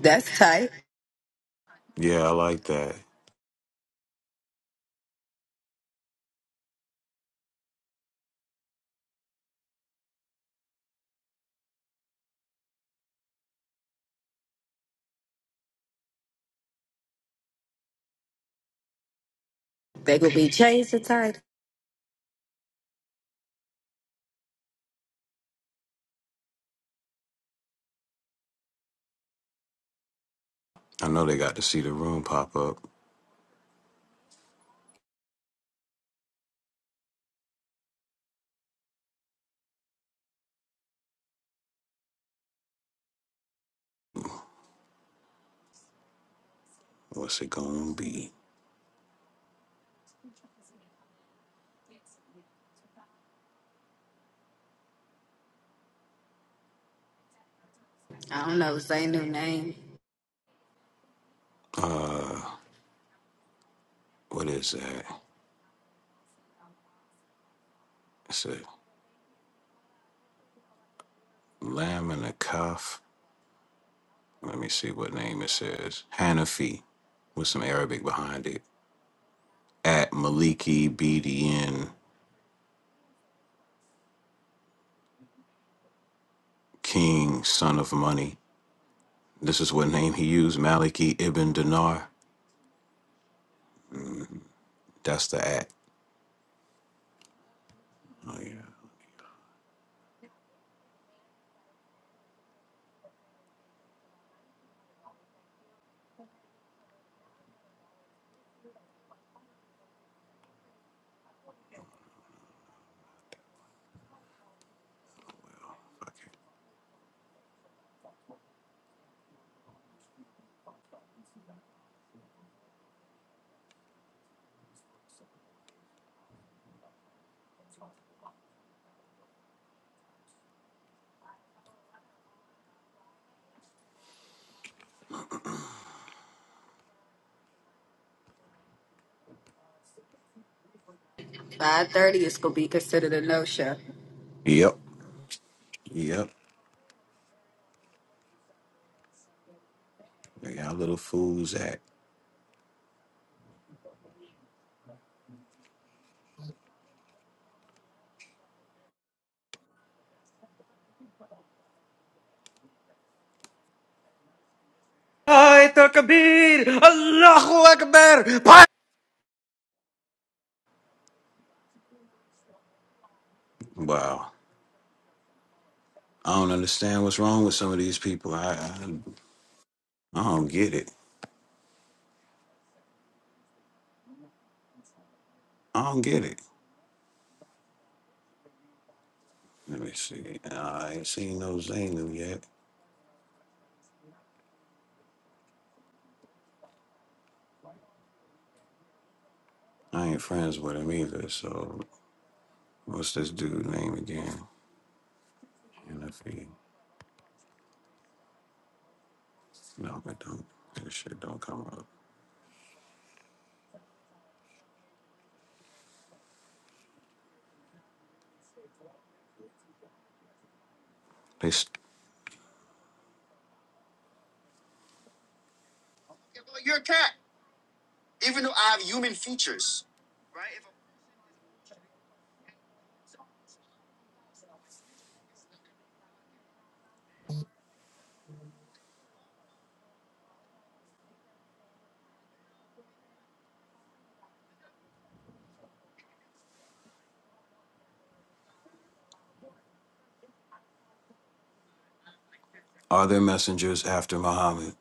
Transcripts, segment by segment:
That's tight. Yeah, I like that. They going be changed to tight. I know they got to see the room pop up. What's it gonna be? I don't know. Say new name. Uh, what is that? It's a lamb and a calf. Let me see what name it says. Hanafi, with some Arabic behind it. At Maliki BDN King, son of money. This is what name he used. Maliki Ibn Dinar. That's the at. Oh yeah. Fuck it. Five thirty is gonna be considered a no show. Yep. Yep. They got little fools at. I took Allahu Akbar. Wow. I don't understand what's wrong with some of these people. I I, I don't get it. I don't get it. Let me see. I ain't seen no Zaynu yet. I ain't friends with him either. So what's this dude name again? NFE. No, but don't this shit don't come up. They s- You're a cat, even though I have human features. right? If I- Are there messengers after Muhammad?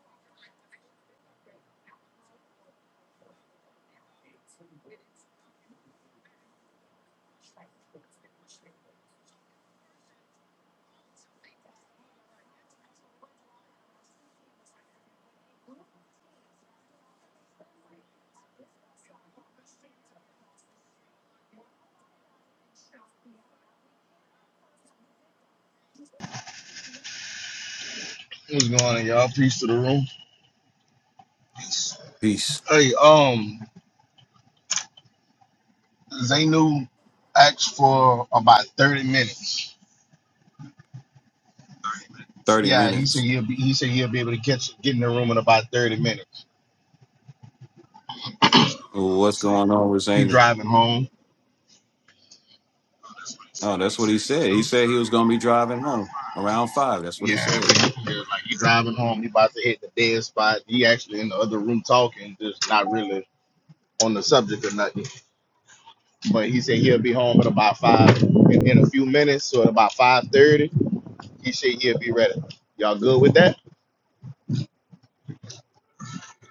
What's going on, y'all? Peace to the room. Peace. Hey, um, Zainu asked for about thirty minutes. Thirty Yeah, he said minutes. he'll be. He said he'll be able to catch get in the room in about thirty minutes. What's going on with He Zaynu? driving home. Oh, that's what he said. He said he was going to be driving home around five. That's what he Yeah, said. I mean, yeah, like he driving home. He about to hit the dead spot. He actually in the other room talking, just not really on the subject or nothing. But he said he'll be home at about five in, in a few minutes. So at about five thirty, he said he'll be ready. Y'all good with that?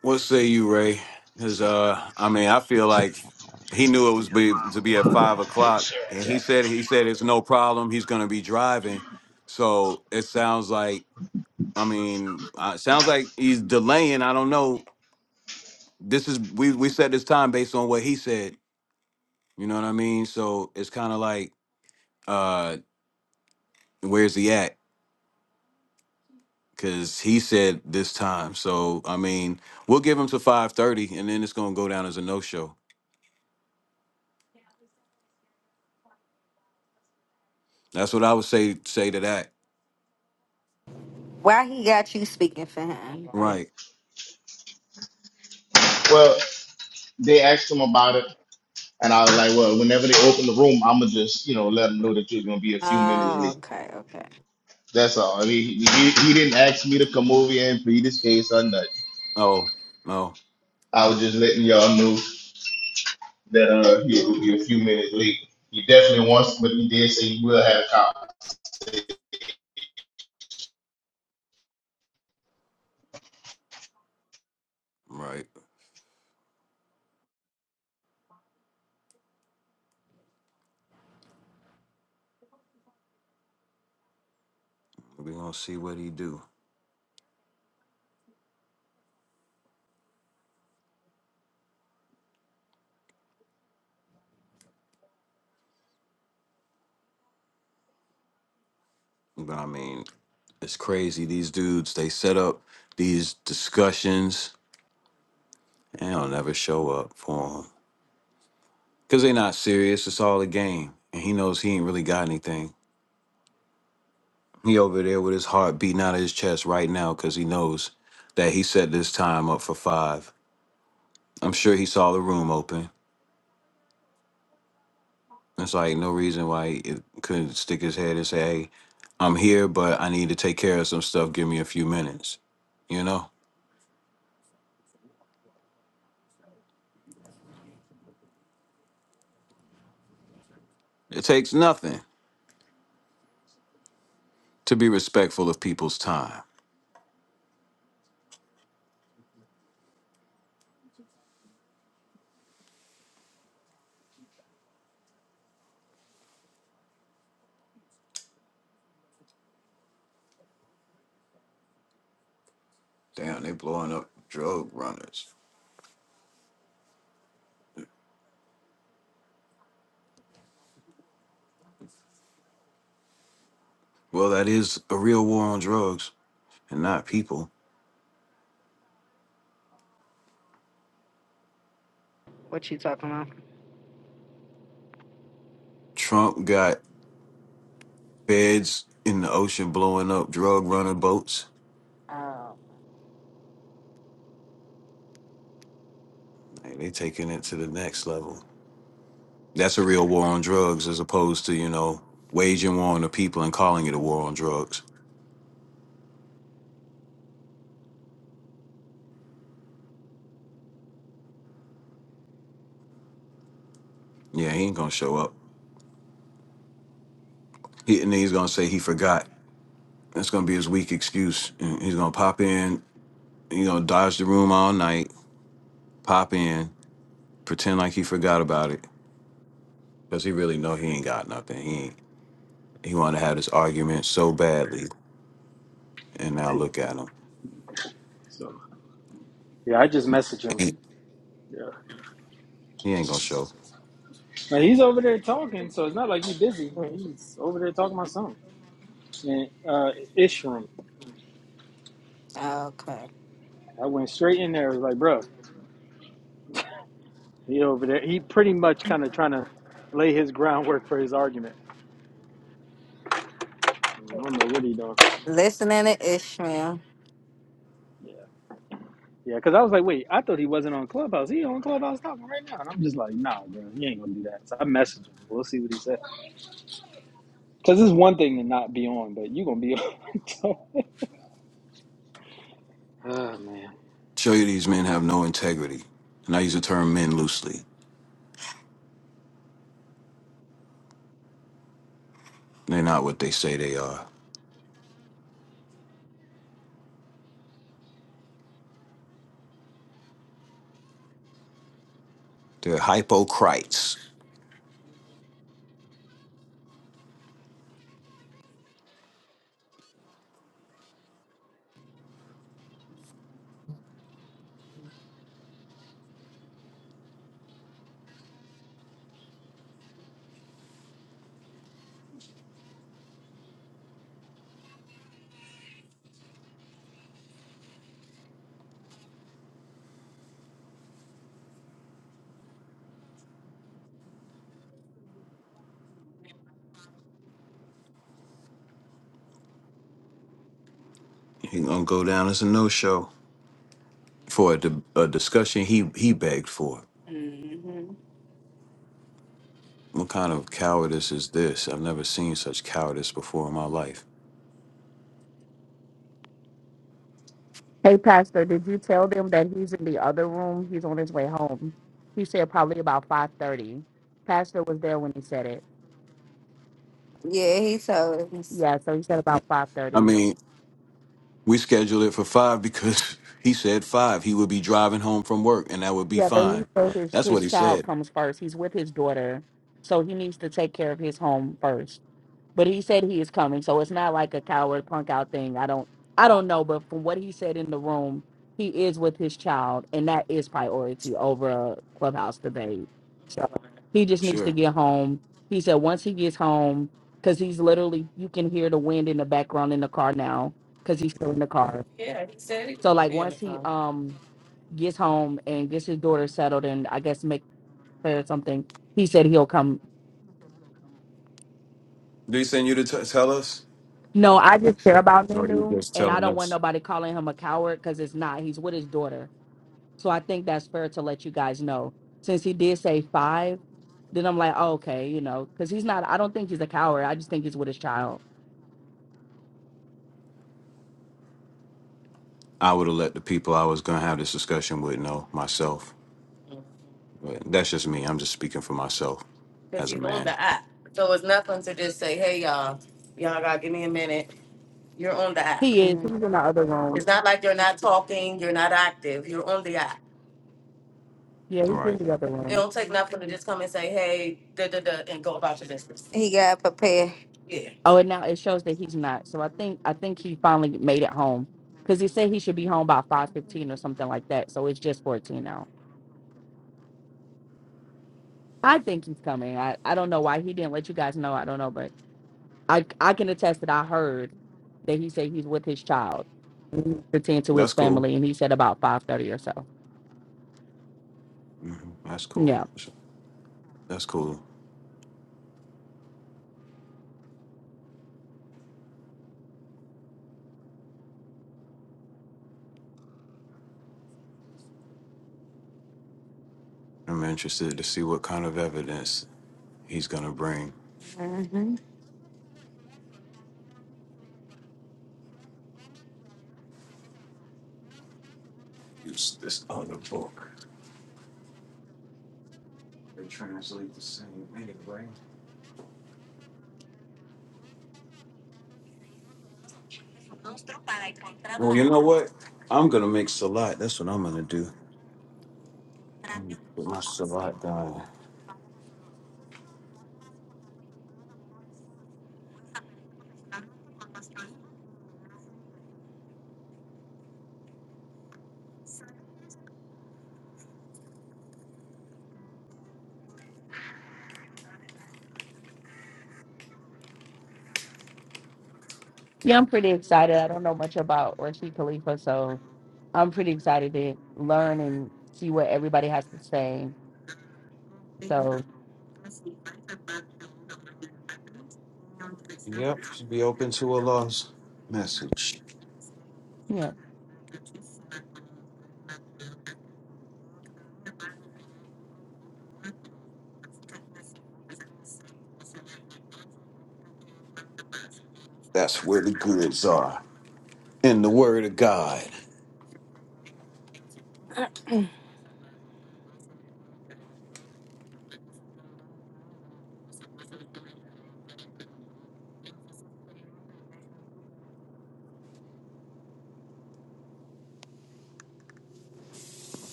What say you, Ray? Because uh, I mean, I feel like he knew it was be, to be at five o'clock, and he said he said it's no problem. He's going to be driving, so it sounds like I mean, uh, it sounds like he's delaying. I don't know. This is we we set this time based on what he said. You know what I mean? So it's kind of like, uh, where's he at? because he said this time. So I mean, we'll give him to five thirty, and then it's gonna go down as a no show. That's what I would say say to that. Why he got you speaking for him? Right? Well, they asked him about it And I was like, well, whenever they open the room, I'ma just, you know, let them know that you're gonna be a few minutes Oh, late. okay, okay. That's all. I mean, he, he, he didn't ask me to come over here and plead his case or nothing. Oh no. I was just letting y'all know that uh he will be a few minutes late. He definitely wants, but he did say he will have a conversation. Right. We gonna see what he do. But I mean, it's crazy. These dudes they set up these discussions and they'll never show up for him because they not serious. It's all a game, and he knows he ain't really got anything. He over there with his heart beating out of his chest right now because he knows that he set this time up for five. I'm sure he saw the room open. It's like no reason why he couldn't stick his head and say, "Hey, I'm here, but I need to take care of some stuff. Give me a few minutes." You know, it takes nothing to be respectful of people's time. Damn, they blowing up drug runners. Well, that is a real war on drugs and not people. What you talking Trump got feds in the ocean blowing up drug runner boats. about? Like, they taking it to the next level. That's a real war on drugs as opposed to, you know, waging war on the people and calling it a war on drugs. Yeah, he ain't gonna show up. He, and he's gonna say he forgot. That's gonna be his weak excuse. And he's gonna pop in, you know, dodge the room all night, pop in, pretend like he forgot about it. Cause he really know he ain't got nothing. He ain't, he wanna have this argument so badly. And now Asian. look at him. So Yeah, I just He messaged him. ain't, yeah, he ain't gonna show. Now he's over there talking, so it's not like he's busy. Oh, He's over there talking about something. And uh, Ishram, okay. I went straight in there. I was like, bro, he over there. He pretty much kind of trying to lay his groundwork for his argument. I don't know what he doing. Listening to Ishmael. Yeah, yeah. Because I was like, wait, I thought he wasn't on Clubhouse. He on Clubhouse talking right now, and I'm just like, nah, bro, he ain't gonna do that. So I messaged him. We'll see what he said. Because it's one thing to not be on, but you gonna be on. oh man. Show you these men have no integrity. And I use the term men loosely. They're not what they say they are. They're hypocrites. He's gonna go down as a no-show for a, di- a discussion he he begged for. hmm What kind of cowardice is this? I've never seen such cowardice before in my life. Hey, Pastor, did you tell them that he's in the other room? He's on his way home. He said probably about five thirty. Pastor was there when he said it. Yeah, he told us. Yeah, so he said about five I thirty. mean, we scheduled it for five because he said five. He would be driving home from work, and that would be Yeah, but he fine. said his That's what his he child said. comes first. He's with his daughter, so he needs to take care of his home first. but he said he is coming so it's not like a coward punk out thing i don't i don't know but from what he said in the room he is with his child and that is priority over a clubhouse debate so he just needs to Sure. get home he said once he gets home because he's literally you can hear the wind in the background in the car now because he's still in the car so like once he um gets home and gets his daughter settled and i guess make her something he said he'll come Did he send you to t- tell us? No, I just care about Or he Nunu, just and I telling don't want us? nobody calling him a coward because it's not. He's with his daughter, so I think that's fair to let you guys know. Since he did say five, then I'm like, oh, okay, you know, because he's not. I don't think he's a coward. I just think he's with his child. I would have let the people I was gonna have this discussion with know myself. But that's just me. I'm just speaking for myself as a man. He is. Mhm. He's in the other room. Yeah, he's Right. in the other room. He got prepared. Oh, and now it shows that he's not. So I think I think he finally made it home because he said he should be home by five fifteen or something like that. So it's just fourteen now. I think he's coming. I I don't know why he didn't let you guys know. I don't know, but. I I can attest that I heard that he said he's with his child to tend to his That's cool. family, and he said about five thirty or so. hmm That's Yeah, cool. That's cool. I'm interested to see what kind of evidence he's gonna bring. Mm-hmm. Use this other book. They translate the same anyway. Well, you know what? I'm gonna make salat. That's what I'm gonna do. I'm gonna get my salat done. yeah, I'm pretty excited. I don't know much about Rashid Khalifa, so I'm pretty excited to learn and see what everybody has to say. So Yep, should be open to Allah's message. yeah, That's where the goods are in the Word of God.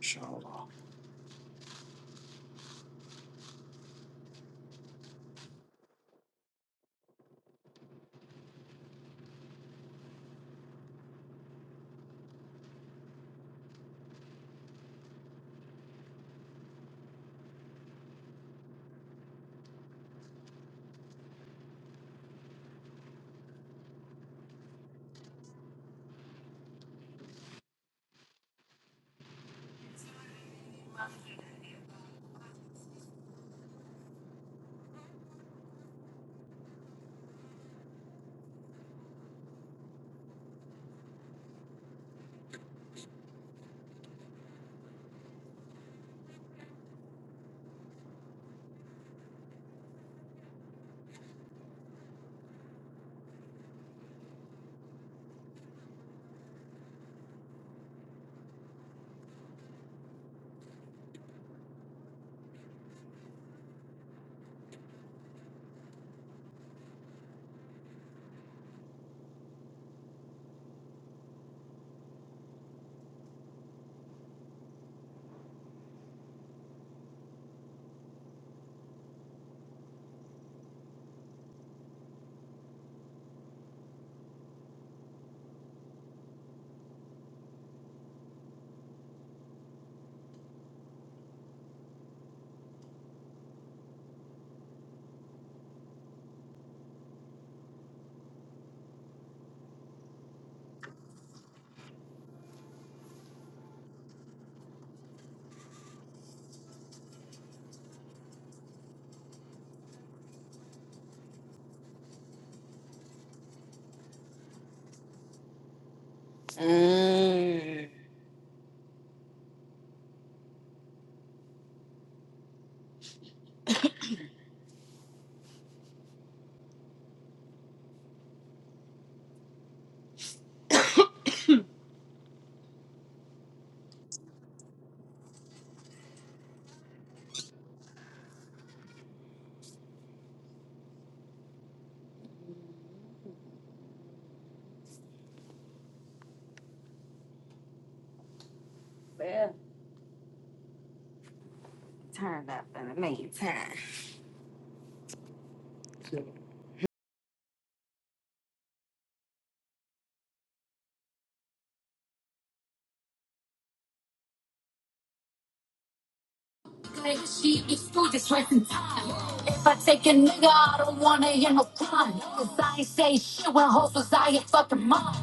Inshallah. Mm. Well, turn up in the meantime. Like she excuses wasting time. If I take a nigga, I don't wanna hear no crime. Cause I ain't say shit when hoes was I a fucking mom.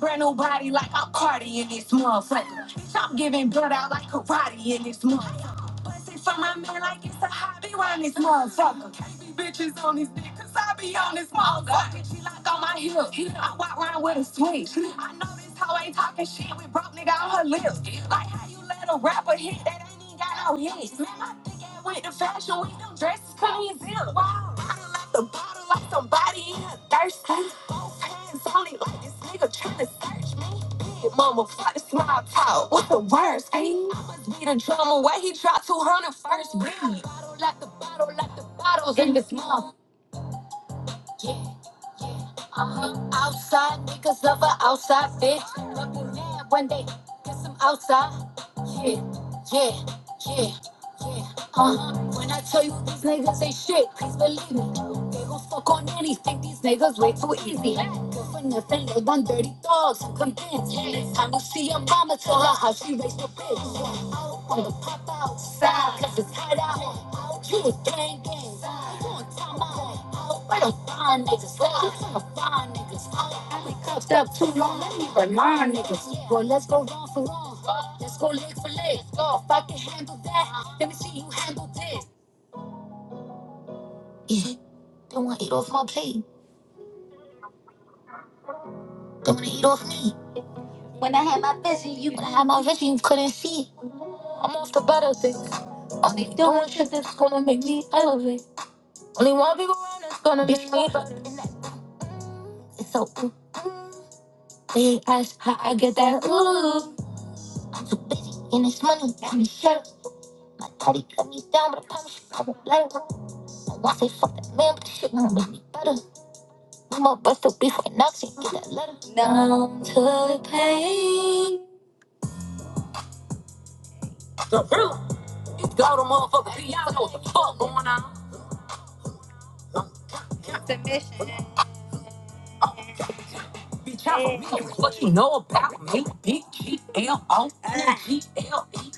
Brand new body like I'm Cardi in this motherfucker. Stop giving blood out like karate in this motherfucker. Bustin' for my man like it's a hobby around this motherfucker. Can't be bitches on this dick cause I be on this motherfucker. She locked on my heels. I walk round with a switch. I know this hoe ain't talking shit with broke nigga on her lips. Like how you let a rapper hit that ain't even got no hits. Man, my thick ass went to fashion week. Them dresses couldn't even zip. Wow the bottle like somebody in a thirsty. Both hands on it like this nigga tryna search me. Big mama, fuck the small talk. What the worst, eh? I must be the drummer where he dropped 200 first beat. Bottles in this mouth. Yeah, uh-huh. Outside niggas love a outside bitch. Mad When they get some outside. shit. Yeah, yeah, yeah. Uh-huh. When I tell you these niggas ain't shit, please believe me. They gon' fuck on anything. These niggas way too easy. Good for nothing, live on dirty dogs. I'm convinced. Next time you see your mama, tell her how she raised your bitch. I'm gonna pop outside, cause it's hot out. You a gang gang, you a time out. Where them fine niggas at? Where them fine niggas at? I been cuffed up too long, let me remind niggas. Boy, let's go wrong for wrong. Let's go leg for leg. If I can handle that, let me see you handle this. Yeah, they wanna eat off my plate. Don't wanna eat off me. When I had my vision, you when I had my vision, you couldn't see. I'm off the butter, bitch. Only doing shit that's gonna make me elevate. Only one people around that's gonna be me, but in that it's so ooh. They ask how I get that ooh. Busy and it's money, got me shut up, My daddy cut me down, but I promise you I won't let him. I won't say fuck that man, but the shit won't make me better. I'm a bust up before knocks and get that letter. Numb to the pain. The real, you got a motherfucker, Hey, y'all know what the fuck going on. Tell me what you know about me. Big G L O N G L E.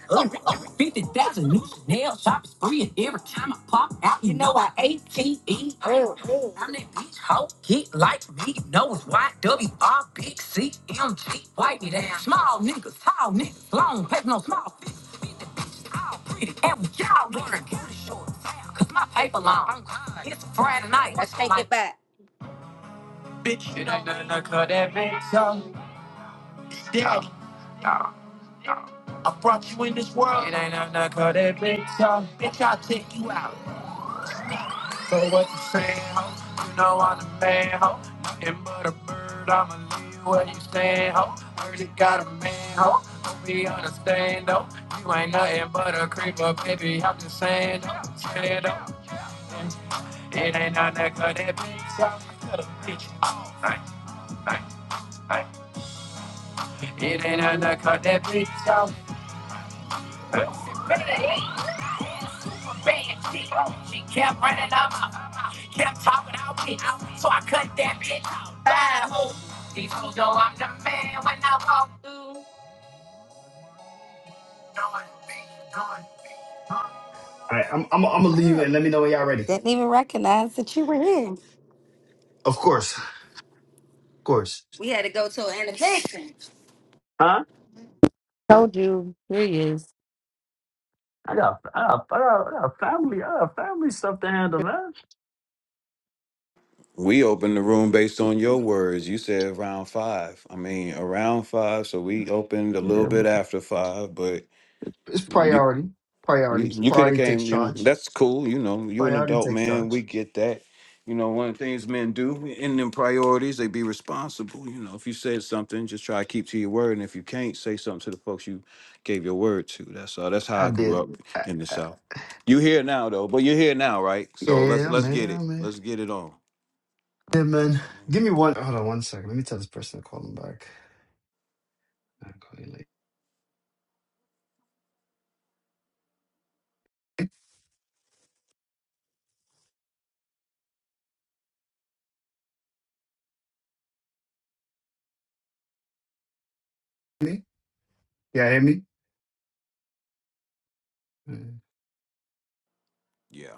Fifty thousand new Chanel shopping spree, and every time I pop out, you know I A T E. I'm that bitch hoe, get like me. You know it's Y W R big C M G. Wipe me down. Small niggas, tall niggas, long paper, no small fish. Fifty bitches, all pretty, and we y'all wearing booty shorts. Cause my paper long. It's a Friday night. Let's take it back. Bitch, it ain't nothing to cut that bitch off. Down, I brought you in this world. It ain't nothing I that big talk. Bitch, I'll take you out. So what you saying, ho? You know I'm the man, ho. Nothing but a bird, I'ma leave where you stand, ho. Heard you got a man, ho. Hope he understand, though. You ain't nothing but a creeper, baby. I'm just saying, though. Saying, though. Yeah. It ain't nothing that cut that bitch off. I cut a bitch off. Night, night, night. It ain't nothing that cut that bitch off. Pussy bad, bad. She, she kept running up, she kept talking out me so I cut that bitch out. Bad hoe. These hoes know I'm the man when I walk. All right, I'm I'm I'm gonna leave it and let me know when y'all ready. Of course, of course. Huh? told you here he is. I got, I got, I got, I got family, I got family stuff to handle, man. We opened the room based on your words. You said around five. I mean, around five. So we opened a little Yeah, bit but after five, but it's you priority, you, priority, you could have priority takes came. You know, charge. that's cool. You know, you an Priority adult takes man. We charge. get that. You know, one of the things men do in them priorities, they be responsible. You know, if you said something, just try to keep to your word. And if you can't, say something to the folks you gave your word to. That's all. That's how I I grew did. up I, in the I, South. You here now though, but you're here now, right? yeah, So yeah, let's yeah, let's man, get yeah, it. man. Let's get it on. Yeah, man. That's- Give me one. Hold on one second. Let me tell this person to call him back. i call you late. Me? Yeah, hear me? Mm. Yeah.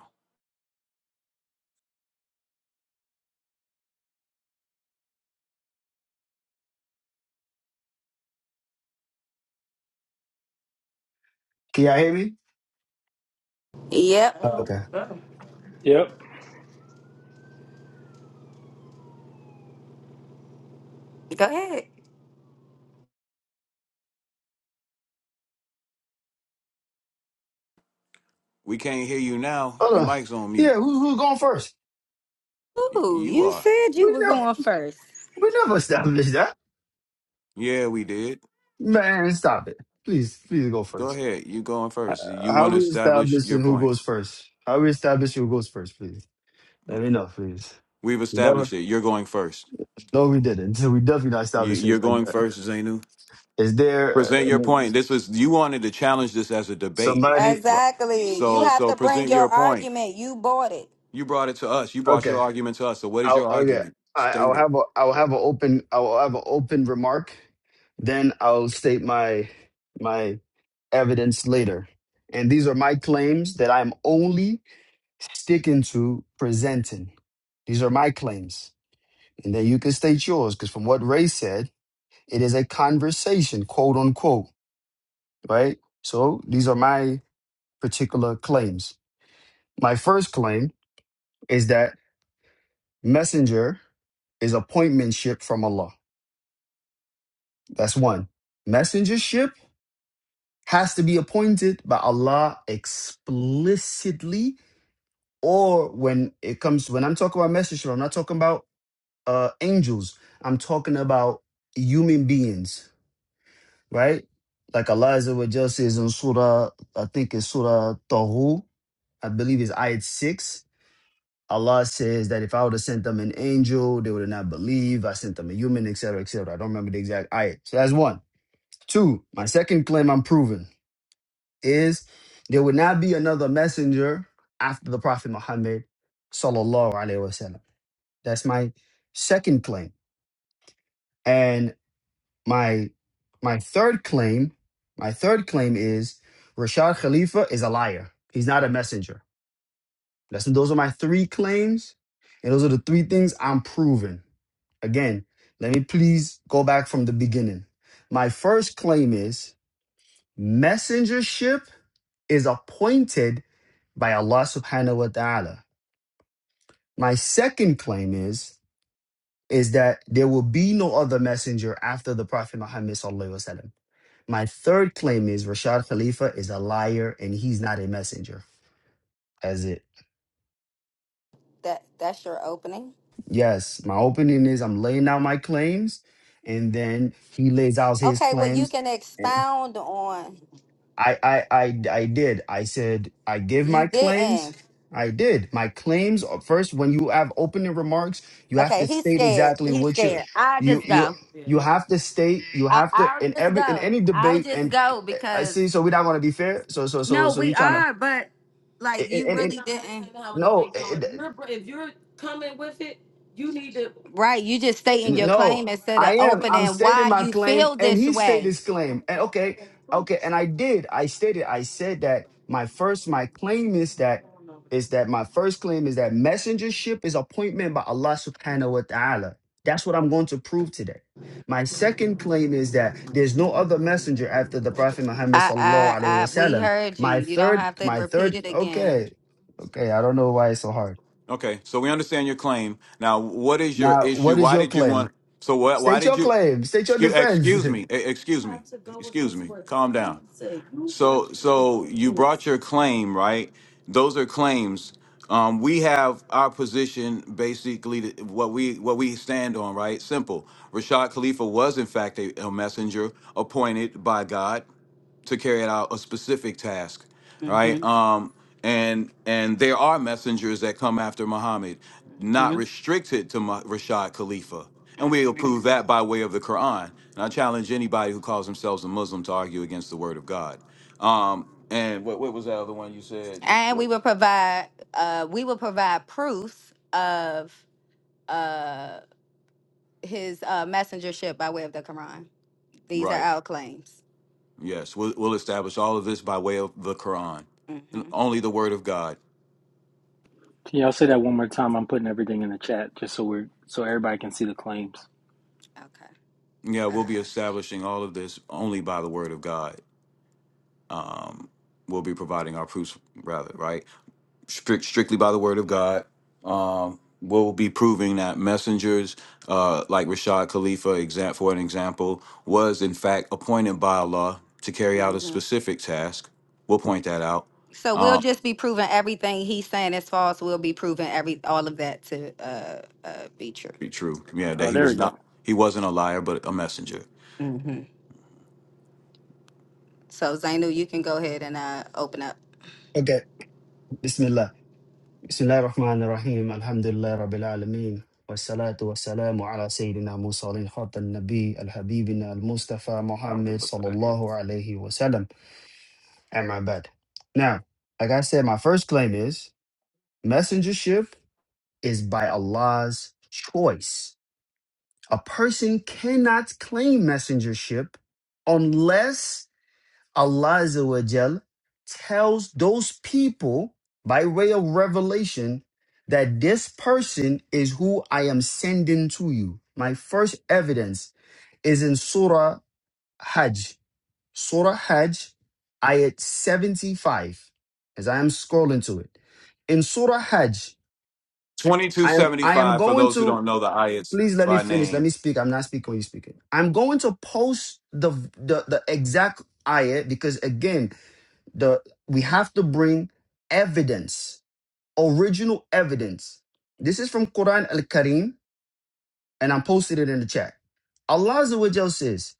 Can y'all hear me? Yep. Oh, okay. Yep. Go ahead. We can't hear you now. Hold Your on. mic's on Yeah, mute. who, who's going first? Y- Ooh, You you are. said you We were never going first. we never established that. Yeah, we did. Man, stop it. Please, please go Go first. ahead. You going Uh, first. You How want to we establish your establishing who point. goes first? How we establishing who goes first, please? Let me know, please. We've We never, established it. You're going first. no, we didn't. So we definitely not You- establishing it You're like going that. first, Zainu. Is there, uh, Present I your mean, point. This was you wanted to challenge this as a debate. somebody, Right. Exactly. You So have so to bring present your your point. argument. You bought it. You brought it to us. You brought okay. your argument to us. So what is I'll, your okay. argument? I, I'll State it. have a, I'll have an open, I'll have an open remark. Then I'll state my, my evidence later. And these are my claims that I'm only sticking to presenting. These are my claims. And then you can state yours, because from what Ray said, it is a conversation, quote unquote, right? So these are my particular claims. My first claim is that messenger is appointmentship from Allah. That's one. Messengership has to be appointed by Allah explicitly, or when it comes, when I'm talking about messenger, I'm not talking about uh, angels, I'm talking about human beings right? Like Allah Azza wa Jal says in Surah, I think it's Surah Tahu, I believe it's Ayat 6. Allah says that if I would have sent them an angel, they would have not believed. I sent them a human, etc., etc. I don't remember the exact ayat. So that's one. Two, my second claim I'm proving is there would not be another messenger after the Prophet Muhammad, sallallahu alaihi wasallam. That's my second claim. and. my my third claim, my third claim is Rashad Khalifa is a liar. He's not a messenger. That's those are my three claims, and those are the three things I'm proving. Again, let me please go back from the beginning. My first claim is messengership is appointed by Allah subhanahu wa ta'ala. My second claim is is that there will be no other messenger after the Prophet Muhammad sallallahu alaihi wasallam. My third claim is Rashad Khalifa is a liar and he's not a messenger. As it. That that's your opening. Yes, my opening is I'm laying out my claims and then he lays out his Okay, well you claims. can And expound on I I I I did. I said I give you my claims. didn't. I did. My claims are- first when you have opening remarks, you have Okay, to he's state scared. exactly He's what you scared. I'll you just you go. you have to state, you I, have to I'll in just every in go. any I'll debate just and go I because see so we're not gonna be fair. So so so no, so you're we trying are, but like you to really didn't. No, it, Right, you just stating your no, claim instead of I am. I'm opening stating why my you claim, feel and this he stated way. his claim. And okay, okay, and I did. I stated. I said that my first, my claim is that is that my first claim is that messengership is appointment by Allah Subhanahu wa Taala. That's what I'm going to prove today. My second claim is that there's no other messenger after the Prophet Muhammad I, sallallahu I, alaihi I, we wasallam. heard you. My You don't third, have to my repeat third. it again. Okay, okay. I don't know why it's so hard. Okay, so we understand your claim. Now, what is your Now, issue? what is Why your did you claim? want? So what? Why State did your you? claim. State your Excuse, defense. excuse me. e- Excuse me. Excuse me. Calm down. So so you brought your claim, right? Those are claims. Um, we have our position basically th- what we what we stand on, right? Simple. Rashad Khalifa was in fact a, a messenger appointed by God to carry out a specific task hmm right? hmm um and and there are messengers that come after muhammad not restricted to Ma- rashad khalifa and we hmm approve that by way of the quran and i challenge anybody who calls themselves a muslim to argue against the word of god um and what, what was that other one you said What- And we what- will provide, uh, we will provide proof of uh, his uh, messengership by way of the Quran. These are right our claims. yes we'll, we'll establish all of this by way of the quran hmm and only the word of god Can y'all say that one more time? I'm putting everything in the chat just so we're so everybody can see the claims. Okay. yeah we'll be Uh, establishing all of this only by the word of god um, we'll be providing our proofs rather right Strict, strictly by the word of god um, we'll be proving that messengers uh, like rashad khalifa exam- for an example was in fact appointed by allah to carry out a hmm specific task we'll point that out So we'll um, just be proving everything he's saying is false. We'll be proving every all of that to uh, uh, be true. be true yeah that Oh, he there we was go. not he wasn't a liar but a messenger hmm So Zainu, you can go ahead and uh, open up. Okay. Bismillah. Bismillah ar-Rahman ar-Rahim. Alhamdulillah Rabbil Alameen. Wassalatu wassalamu ala والسلام musalin سيدنا موسى خاتم النبي الحبيبنا المصطفى Muhammad sallallahu الله عليه وسلم أما بعد Now, like I said, my first claim is messengership is by Allah's choice. A person cannot claim messengership unless Allah Azza wa Jal tells those people by way of revelation that this person is who I am sending to you. My first evidence is in Surah Hajj. Surah Hajj, ayat 75, as I am scrolling to it. In Surah Hajj, I am I am 2275 for going those who to don't know the ayats please let me by finish. Let name me speak. I'm not speaking when you speaking. I'm going to post the the, the exact ayat because again the we have to bring evidence original evidence this is from quran al-karim and i posted it in the chat allah Azza wa Jal says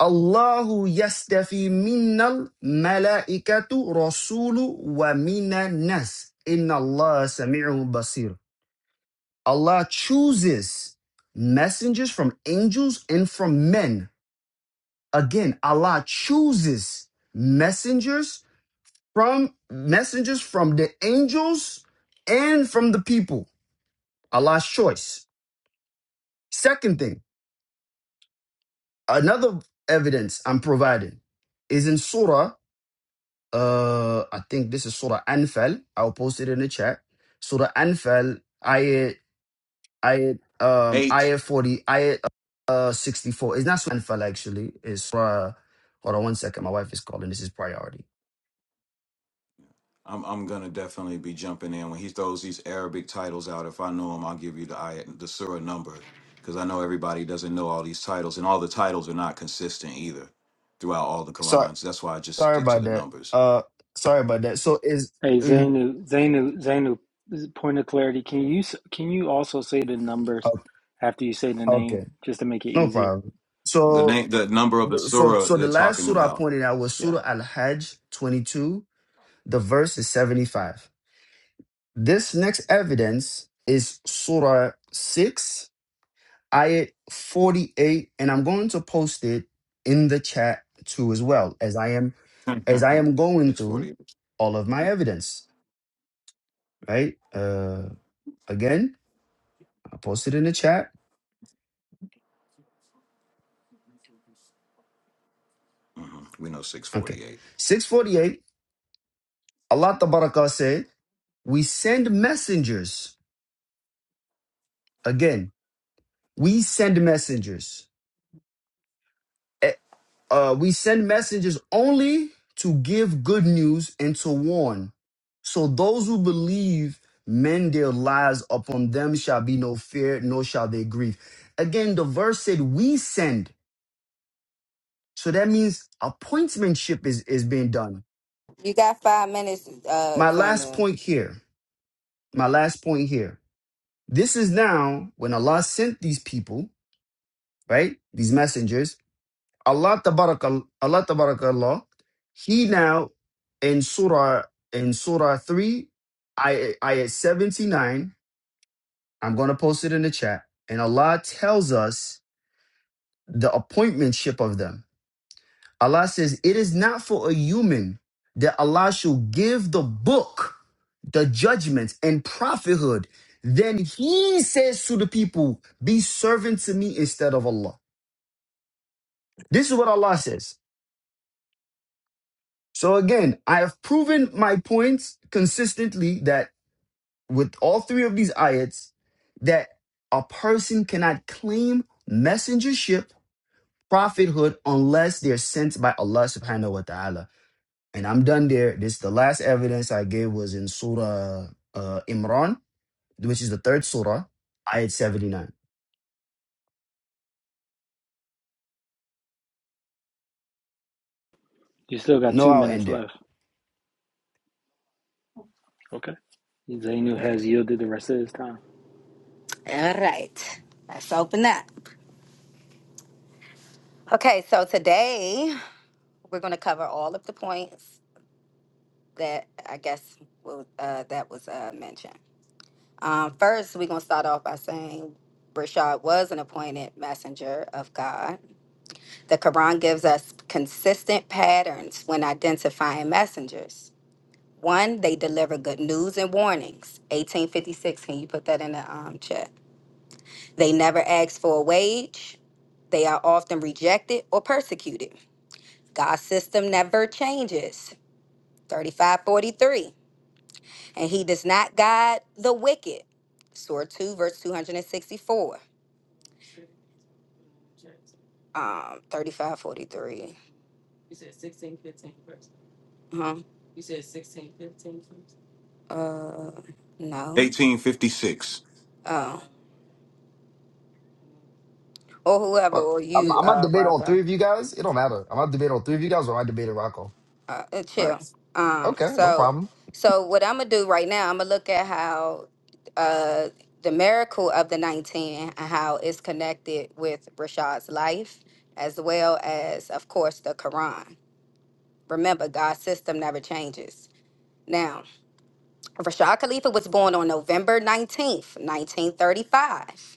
allahu yastafi minnal malaikatu rasulu wa minan nas inna allah sami'un basir allah chooses messengers from angels and from men again allah chooses messengers from messengers from the angels and from the people. Allah's choice. Second thing, another evidence I'm providing is in Surah. Uh, I think this is Surah Anfal. I'll post it in the chat. Surah Anfal, ayat, ayat, um, eight. ayat 40, ayat uh, 64. It's not Surah Anfal actually. It's Surah. Hold on one second. My wife is calling. This is priority. I'm I'm gonna definitely be jumping in when he throws these Arabic titles out. If I know him, I'll give you the ayat, the surah number because I know everybody doesn't know all these titles, and all the titles are not consistent either throughout all the Sorry, Qurans. That's why I just sorry stick to about the that. numbers. Uh, sorry about that. So is Hey, mhm. Zainu, Zainu, Zainu. Point of clarity. Can you s- can you also say the numbers after you say the okay. name just to make it No easier? problem. The So, name, the number of the so, surah so the they're last talking surah I about. pointed out was Yeah. Surah Al Hajj 22. The verse is 75. This next evidence is Surah 6, Ayat 48, and I'm going to post it in the chat too as well as I am as I am going Six through forty eight. all of my evidence. Right? Uh, again, I posted in the chat. Mm-hmm. We know six Okay, forty eight. 648. Allah Tabaraka said, "We send messengers." Again, we send messengers. Eh, Uh, we send messengers only to give good news and to warn. So those who believe men their lives upon them shall be no fear, nor shall they grieve. Again, the verse said, We send. So that means appointmentship is, is being done. You got five minutes, uh, My last Zaina. point here, my last point here. This is now when Allah sent these people, right? These messengers Allah Tabarakal Allah Tabarakallah, He now in Surah in Surah 3, I ayat 79. I'm gonna post it in the chat. And Allah tells us the appointmentship of them. Allah says, It is not for a human that Allah should give the book, the judgments, and prophethood. Then he says to the people, Be servant to me instead of Allah. This is what Allah says. So again, I have proven my points consistently that with all three of these ayats, that a person cannot claim messengership, prophethood, unless they're sent by Allah subhanahu wa ta'ala. And I'm done there. This the last evidence I gave was in Surah uh, Imran, which is the third surah, ayat 79. You still got No, two I'll end minutes there. left. Okay. Zainu has yielded the rest of his time. All right. Let's open up. Okay, so today we're going to cover all of the points that I guess was, uh, that was uh, mentioned. Um, first, we're going to start off by saying Rashad was an appointed messenger of God. The Quran gives us consistent patterns when identifying messengers. One, they deliver good news and warnings. 1856, can you put that in the um, chat? They never ask for a wage. They are often rejected or persecuted. God's system never changes. 3543. And he does not guide the wicked. Surah 2, verse 264. Um, 3543. Huh? Uh, no. Eighteen fifty six. Oh. Or whoever, But or I'm, you, I'm not uh, debating on Rocco. three of you guys. It don't matter. I'm not debating on three of you guys or I debate Rocco. uh, uh, chill. Um, Okay, no so, problem. so what I'm gonna do right now, I'm gonna look at how uh, the miracle of the 19 and how it's connected with Rashad's life, as well as, of course, the Quran. Remember, God's system never changes. Now, Rashad Khalifa was born on November 19th, 1935.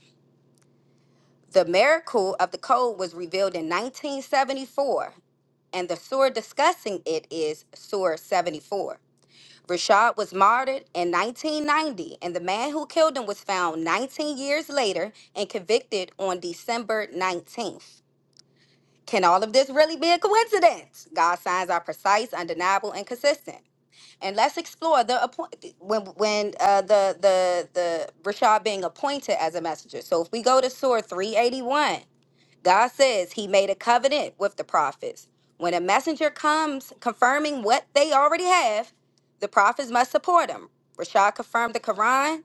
The miracle of the code was revealed in 1974, and the surah discussing it is Surah 74. Rashad was martyred in 1990, and the man who killed him was found 19 years later and convicted on December 19th. Can all of this really be a coincidence? God's signs are precise, undeniable, and consistent. And let's explore the appoint when when uh, the the the Rashad being appointed as a messenger. So if we go to Surah 381, God says he made a covenant with the prophets. When a messenger comes confirming what they already have, the prophets must support him. Rashad confirmed the Quran.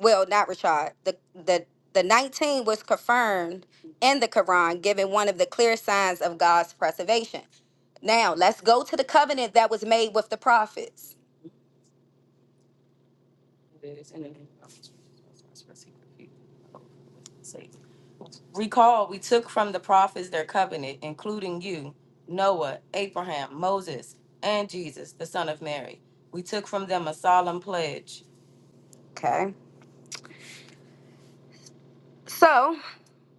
Well, not Rashad. The the the 19 was confirmed in the Quran, giving one of the clear signs of God's preservation. Now, let's go to the covenant that was made with the prophets. Okay. So,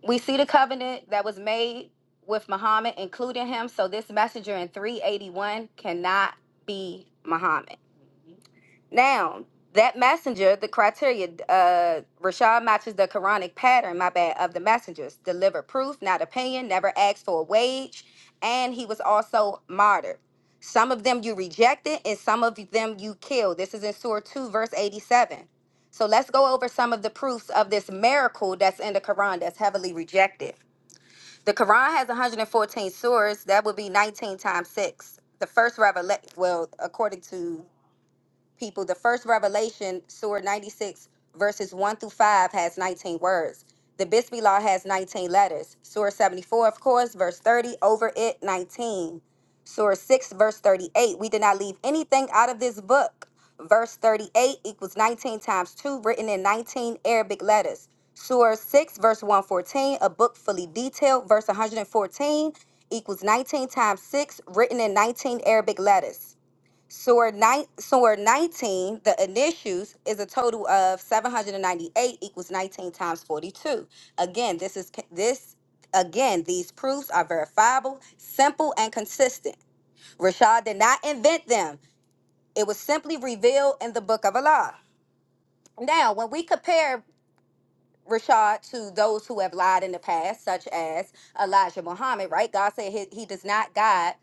We see the covenant that was made with Muhammad, including him. So this messenger in 381 cannot be Muhammad. Now, that messenger, the criteria, uh, Rashad matches the Quranic pattern, my bad, of the messengers. Deliver proof, not opinion, never asked for a wage, and he was also martyred. Some of them you rejected, and some of them you killed. This is in Surah 2, verse 87. So let's go over some of the proofs of this miracle that's in the Quran that's heavily rejected. The Quran has 114 surahs. That would be 19 times six. The first revelation, well, according to people, the first revelation, Surah 96, verses 1 through 5, has 19 words. The Bisbee Law has 19 letters. Surah 74, of course, verse 30, over it, 19. Surah 6, verse 38, we did not leave anything out of this book. Verse 38 equals 19 times 2, written in 19 Arabic letters. Surah 6, verse 114, a book fully detailed, verse 114 equals 19 times 6, written in 19 Arabic letters. Sword, nine, sword 19, the initials, is a total of 798 equals 19 times 42. Again, this is this again, these proofs are verifiable, simple, and consistent. Rashad did not invent them. It was simply revealed in the book of Allah. Now, when we compare Rashad to those who have lied in the past, such as Elijah Muhammad, right? God said he, he does not guide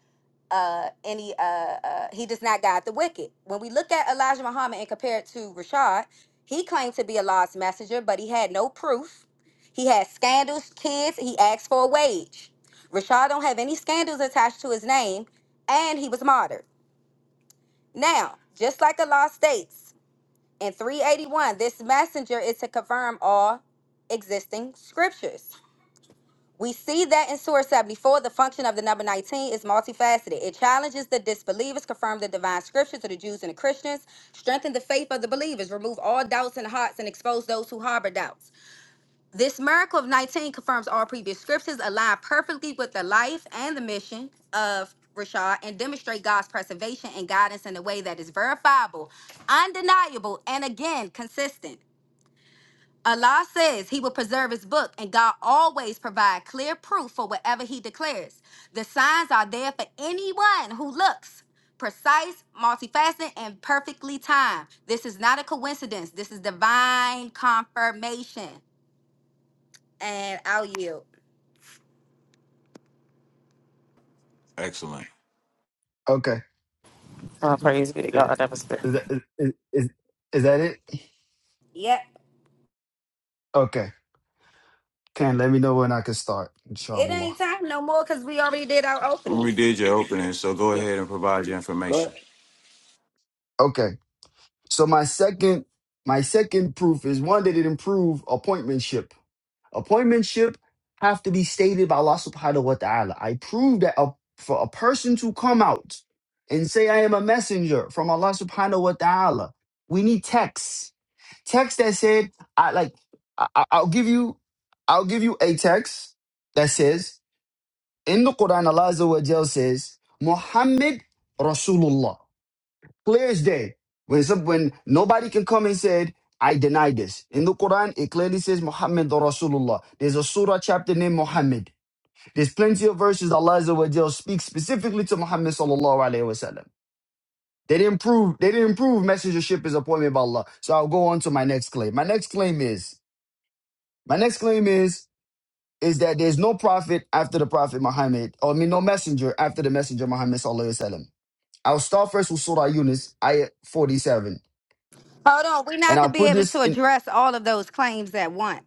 uh any uh, uh he does not guide the wicked. When we look at Elijah Muhammad and compare it to Rashad, he claimed to be a Allah's messenger, but he had no proof. He had scandals, kids, he asked for a wage. Rashad don't have any scandals attached to his name, and he was martyred. Now, just like Allah states in 381, this messenger is to confirm all existing scriptures. We see that in Surah 74, the function of the number 19 is multifaceted. It challenges the disbelievers, confirms the divine scripture to the Jews and the Christians, strengthens the faith of the believers, remove all doubts in the hearts, and expose those who harbor doubts. This miracle of 19 confirms all previous scriptures, align perfectly with the life and the mission of Rashad, and demonstrate God's preservation and guidance in a way that is verifiable, undeniable, and again, consistent. Allah says he will preserve his book, and God always provides clear proof for whatever he declares. The signs are there for anyone who looks. Precise, multifaceted, and perfectly timed. This is not a coincidence. This is divine confirmation. And I'll yield. Excellent. Okay. Oh, praise be to God. That was good. Is that is, is, is that it? Yep. Okay. Can let me know when I can start, It inshallah. ain't time no more because we already did our We openings. did your opening, so go Yep, ahead and provide your information. correct. Okay. So my second my second proof is one that it improve appointmentship. Appointmentship have to be stated by Allah subhanahu wa ta'ala. I prove that a, for a person to come out and say I am a messenger from Allah subhanahu wa ta'ala, we need texts. Text that said, I like I, I- I'll give you I'll give you a text that says In the Quran, Allah Azza wa Jal says, Muhammad Rasulullah. Clear as day. When, some, when nobody can come and said, I deny this. In the Quran, it clearly says Muhammad Rasulullah. There's a surah chapter named Muhammad. There's plenty of verses Allah Azza wa Jal speaks specifically to Muhammad Sallallahu Alaihi Wasallam. They didn't prove they didn't prove messengership is appointed by Allah. So I'll go on to my next claim. My next claim is my next claim is is that there's no prophet after the prophet Muhammad, or I mean, no messenger after the messenger Muhammad sallallahu alaihi wasallam. I'll start first with Surah Yunus, ayah 47, Hold on, we're and not I'll gonna be put able this to in. address all of those claims at once.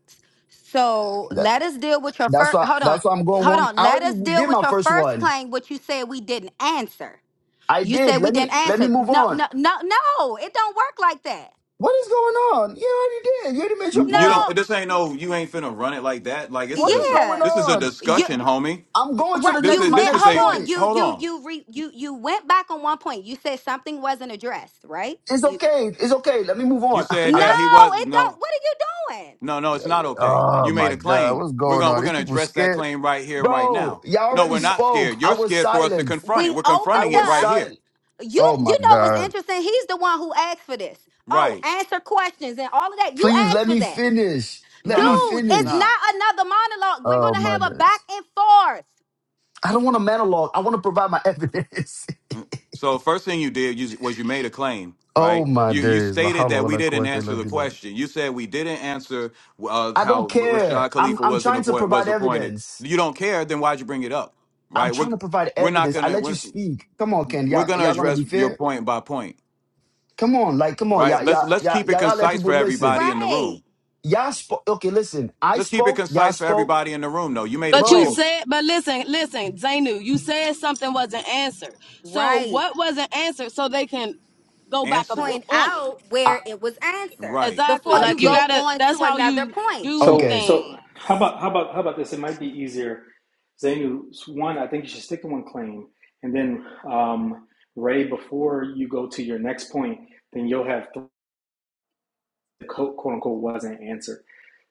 So That, let us deal with your that's first. why. Hold on, That's why I'm going hold one. on. I Let already us deal did with my your first first one. claim, which you said we didn't answer. I You said did. we Let me didn't let me answer. move No, on. no, no, no. It don't work like that. What is going on? You already did. You already made your You point. No, don't. This ain't no. You ain't finna run it like that. Like this What is a. is going yeah. This is a on? Uh, You discussion, homie. I'm going to right. the This You next. is. My This meant. next is Hold a. th- on. point. You hold you on. you re, you you went back on one point. You said something wasn't addressed, right? It's You okay. It's okay. Let me move You on. said I no. that got. he was. It don't. No. What are you doing? No. No. It's not okay. Oh You made my a God. claim. What's We're going gonna. on? We're These gonna people address that scared. claim right here, and right Bro, now. y'all No, already we're W- not w- spoke. scared. I You're was scared for us to silent. confront We it. We're I confronting opened it was up. right here. silent. You Oh you my know what's God. interesting? He's the one who asked for this. Oh, Right. answer questions and all of that. You Please asked let for me that. finish. No. Let me No. Dude, it's finish. Nah. not another monologue. We're Oh gonna my have a back days. and forth. I don't want a monologue. I want to provide my evidence. Mm. So first thing you did you- was you made a claim, oh right? my You you days. La stated hawla that wa we la didn't quwwata answer illa the billah. question. You said we didn't answer uh, I don't how care. Rashad I'm Khalifa I'm was an trying to appoint, provide was appointed. evidence. You don't care, then why'd you bring it up, I'm right? trying We're to provide we're not evidence. I gonna let you we're, speak. Come on, Ken. we're Y'all gonna y'all gonna be address your fair? point by point, Come on, like come on, right? y'all Let's y'all let's y'all, keep it y'all gotta let concise people for listen. everybody in the Right. room. Y'all spoke okay, listen. I Let's keep it spoke, y'all concise for spoke. everybody in the room. though. you made a But you Bro, claim, said, but listen, listen, Zainu, you said something wasn't answered. So Right. what wasn't answered so they can go back up answer it, on Point on it? out I, where it was answered right? Exactly. before I Like you you can go gotta, on that's to how another you point. do So okay, things. so how about how about how about this? It might be easier. Zainu, one, I think you should stick to one claim, and then um, Ray, before you go to your next point, then you'll have th- quote quote unquote wasn't answered.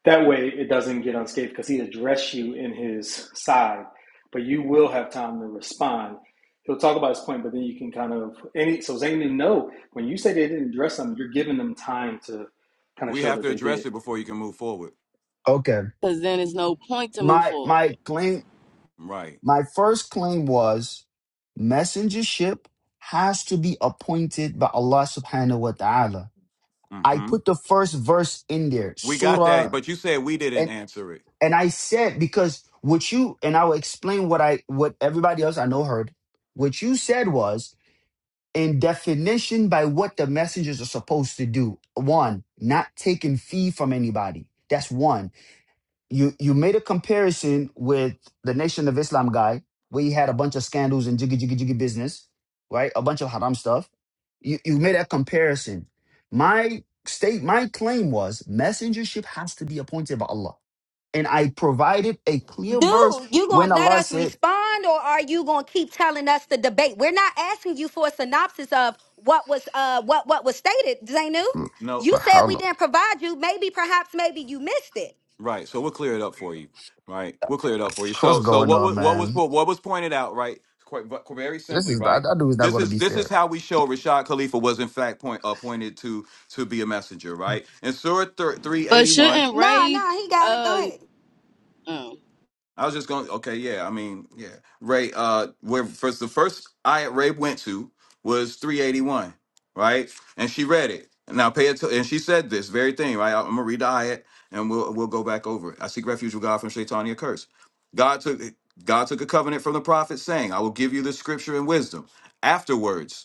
That way, it doesn't get unscathed because he addressed you in his side, but you will have time to respond. He'll talk about his point, but then you can kind of any so Zainu, no, when you say they didn't address them, you're giving them time to kind of We show have to that they address did. it before you can move forward, okay. Cause then there's no point to move My forward. my claim right? my first claim was messengership has to be appointed by Allah subhanahu wa ta'ala. I Mm-hmm. put the first verse in there, We got that, surah but you said we didn't and answer it. and I said because what you and I'll explain what I what everybody else I know heard. What you said was in definition by what the messengers are supposed to do. One, not taking fee from anybody. That's one you you made a comparison with the Nation of Islam guy, where he had a bunch of scandals and jiggy jiggy jiggy business, right? A bunch of haram stuff. You you made that comparison. My state, my claim was messengership has to be appointed by Allah, and I provided a clear verse Dude, you gonna when let Allah us said, respond or are you gonna keep telling us the debate? We're not asking you for a synopsis of what was uh what what was stated, Zainu. "Mm, No, You But said "How we long? didn't provide you. Maybe, perhaps, maybe you missed it. right. So we'll clear it up for you. Right, we'll clear it up for you. What's So, so going what on, was what was man? what was pointed out, right? Quite but very This simply, is that right. that dude is not This going to is be this is fair." how we show Rashad Khalifa was in fact point appointed to to be a messenger, right? In Surah three But eighty one. shouldn't Nah, raise nah, he got it. uh Go ahead. um I was just going. Okay, yeah. I mean, yeah. Ray, uh, where first the first I Ray went to was 381, right? And she read it. Now pay it and she said this very thing, right? I'm gonna read the ayat and we'll we'll go back over it. I seek refuge with God from Shaitania curse. God took God took a covenant from the prophet saying, I will give you the scripture and wisdom. Afterwards,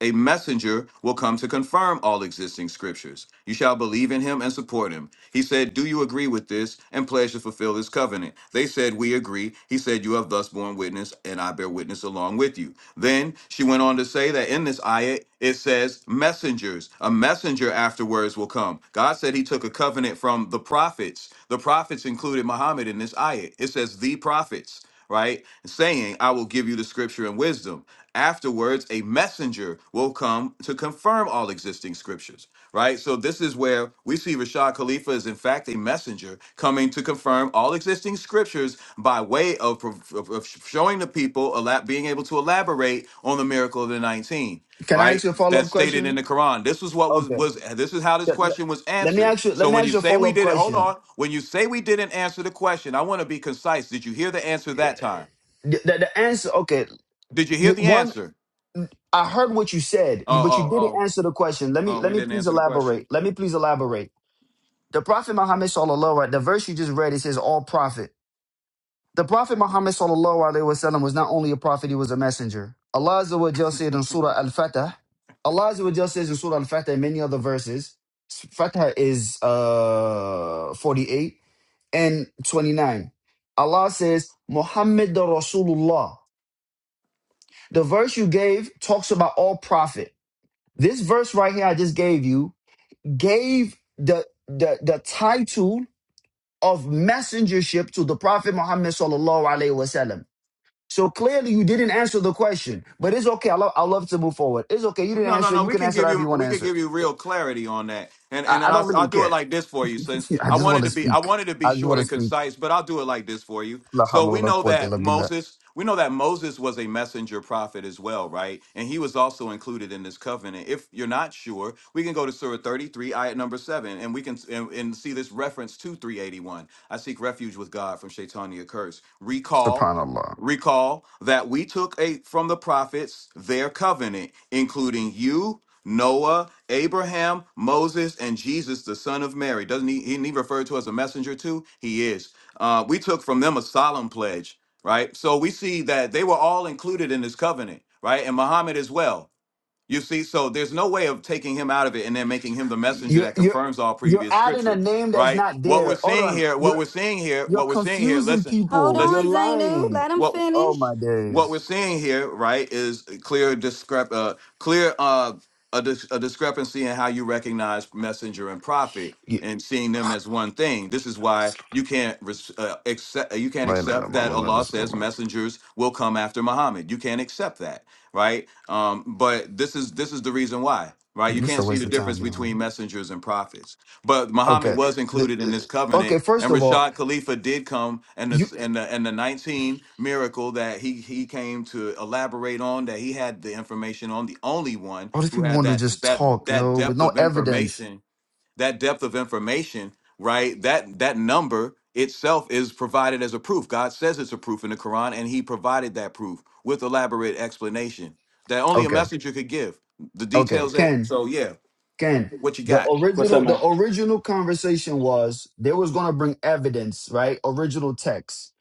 a messenger will come to confirm all existing scriptures. You shall believe in him and support him. He said, Do you agree with this and pledge to fulfill this covenant? They said, We agree. He said, You have thus borne witness, and I bear witness along with you. Then she went on to say that in this ayah, it says, Messengers. A messenger afterwards will come. God said he took a covenant from the prophets. The prophets included Muhammad in this ayah. It says, The prophets right? Saying, I will give you the scripture and wisdom. Afterwards, a messenger will come to confirm all existing scriptures, right? So this is where we see Rashad Khalifa is in fact a messenger coming to confirm all existing scriptures by way of, prov- of, of showing the people, elab- being able to elaborate on the miracle of the 19 Can I right? ask you a follow that's up stated in question? the Quran. This is what was Okay. was this is how this Let question was let me answered. ask you. Let So me when ask you you a say we follow up did it, hold question. on. When you say we didn't answer the question, I want to be concise. Did you hear the answer Yeah. that time? the, the answer okay Did you hear you the one answer? i heard what you said Oh, you but you oh, didn't oh, answer the question let me oh, let we me didn't please answer the question. elaborate let me please elaborate the prophet muhammad sallallahu alaihi the verse you just read it says all prophet the prophet muhammad sallallahu alaihi wasallam was not only a prophet he was a messenger allah Azza wa Jalla said in surah al-fatah allah Azza wa Jalla says in surah al-fatah and many other verses fatah is uh 48 and 29 allah says muhammad the rasulullah The verse you gave talks about all profit. This verse right here I just gave you gave the the the title of messengership to the Prophet Muhammad sallallahu alaihi wasallam. So clearly you didn't answer the question, but it's okay. I love I love to move forward. It's okay. You didn't No, no, answer. no. You We can can answer give however you you want we to could answer. give you real clarity on that, and I, and then I don't I'll, really I'll do it care. like this for you, since I I just want wanted to to be I speak. wanted to be I just short want to and speak. concise, but I'll do it like this for you. La So we hawla wa la know quwwata that illa billah. Moses we know that Moses was a messenger prophet as well, right? And he was also included in this covenant. If you're not sure, we can go to Surah 33, ayat number seven, and we can and, and see this reference to 381. I seek refuge with God from Shaitania curse. Recall Subhanallah. Recall that we took a, from the prophets their covenant, including you, Noah, Abraham, Moses, and Jesus, the son of Mary. Doesn't he, he referred to as a messenger too? He is. Uh, we took from them a solemn pledge, right? So we see that they were all included in this covenant, right? And Muhammad as well. You see, so there's no way of taking him out of it and then making him the messenger You're that you're confirms all you're previous adding a scripture, name that's right? not What we're there. Hold seeing on. here, You're what we're seeing here, You're what we're seeing here, confusing listen, Hold people. You're listen. on, Zainu. lying. Let him What Oh finish. my what we're days. seeing here, right, is a clear discrep uh, clear uh, a, dis- a discrepancy in how you recognize messenger and prophet Yeah. and seeing them as one thing. This is why you can't res- uh, accept uh, you can't Lay, lay, lay, accept that mama, let Allah us slow says down. messengers will come after Muhammad. You can't accept that, right? Um, but this is this is the reason why. Right, you This is can't a see waste the of difference time, yo. between messengers and prophets, but Muhammad Okay. was The- included in this uh, covenant okay, first and of all, Rashad Khalifa did come, and you the and the and the nineteen miracle that he he came to elaborate on that he had the information on the only one all these who people had want to that just that talk, that yo, with depth no of evidence. information that depth of information right that that number itself is provided as a proof. God says it's a proof in the Quran, and He provided that proof with elaborate explanation that only a Okay. messenger could give the Okay. details. That Ken, so yeah, Ken. what you The got? What's up, original the man? original conversation was they was gonna bring evidence, right? Original text.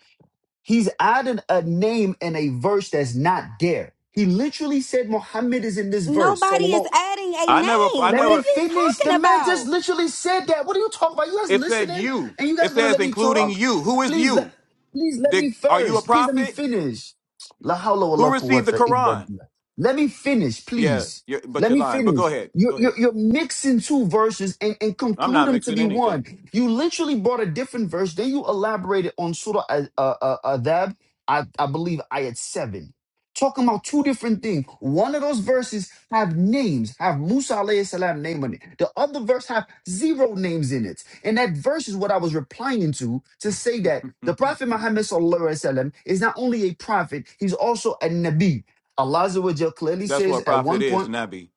He's added a name in a verse that's not there. He literally said Muhammad is in this verse. Nobody is Sallallahu adding a I never I name. Let What me are never you finish. The talking man just about? literally said that. What are you talking about? You guys It said listening? you. And you It guys gonna says let me including talk? you. Who is Please let you? please let me Did, are you a first. Please let me prophet? finish. La hawla wa Who la received the quwwata illa Quran? billah. Let me finish, Yeah, please. you're, but Let you're me lying. But finish. go ahead. You're, Go you're, ahead. you're mixing two verses and, and I'm conclude not them to mixing be one. anything. You literally brought a different verse. Then you elaborated on Surah Adab, uh, uh, Adab, I, I believe, ayat 7 Talking about two different things. One of those verses have names, have Musa alayhi salam name on it. The other verse have zero names in it. And that verse is what I was replying to to say that the Prophet Muhammad sallallahu alaihi wasallam is not only a prophet, he's also a nabi. Allah Azza wa Jal clearly That's says what at prophet one is, point, Nabi.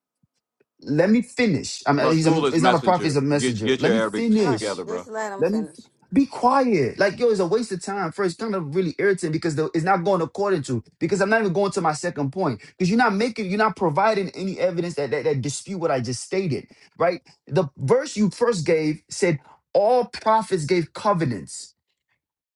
"Let me finish." I mean, he's a, Rasul is he's not a prophet, he's messenger. a Get messenger. get Let your me Arabic Hold on. finish. together, Just bro. let him Let me finish. be quiet. Like, yo, it's a waste of time. First, kind of really irritating because the, it's not going according to, because I'm not even going to my second point. Because you're not making, you're not providing any evidence that, that, that dispute what I just stated, right? The verse you first gave said, all prophets gave covenants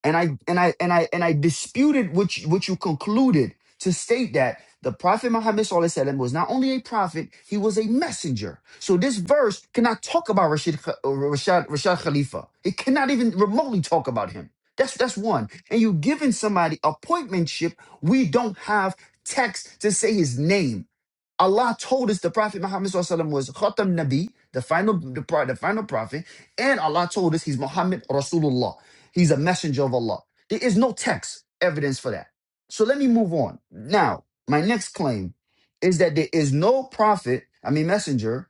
and I and I and I and I disputed what you, what you concluded to state that the prophet Muhammad SAW was not only a prophet, he was a messenger. So this verse cannot talk about Rashid, Kh- uh, Rashad, Rashad Khalifa. It cannot even remotely talk about him. That's that's one. And you giving somebody appointmentship. We don't have text to say his name. Allah told us the Prophet Muhammad SAW was Khatam Nabi, the final, the, pro- the final prophet, and Allah told us he's Muhammad Rasulullah. He's a messenger of Allah. There is no text evidence for that. So let me move on. Now, my next claim is that there is no prophet, I mean messenger,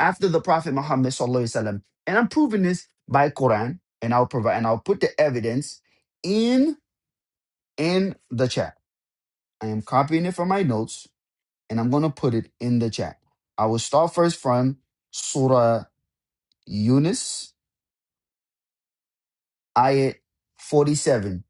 after the Prophet Muhammad SAW. And I'm proving this by Quran, and I'll provide and I'll put the evidence in in the chat. I am copying it from my notes and I'm going to put it in the chat. I will start first from Surah Yunus, ayat 47.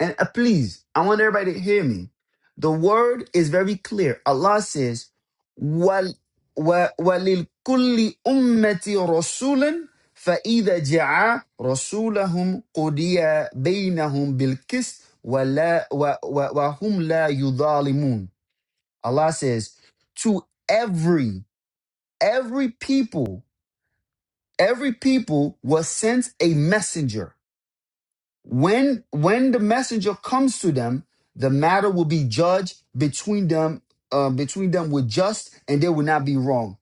And uh, please, I want everybody to hear me. The word is very clear. Allah says, "Wal wa- وَلِلْكُلِّ أُمَّةِ رَسُولًا فَإِذَا جَعَى رَسُولَهُم قُضِيَ بَيْنَهُمْ بِالْقِسْطِ وَلَا وَ- وَ- وَهُمْ لَا يُظَالِمُونَ Allah says, to every every people every people was sent a messenger when when the messenger comes to them the matter will be judged between them uh, between them with just and they will not be wrong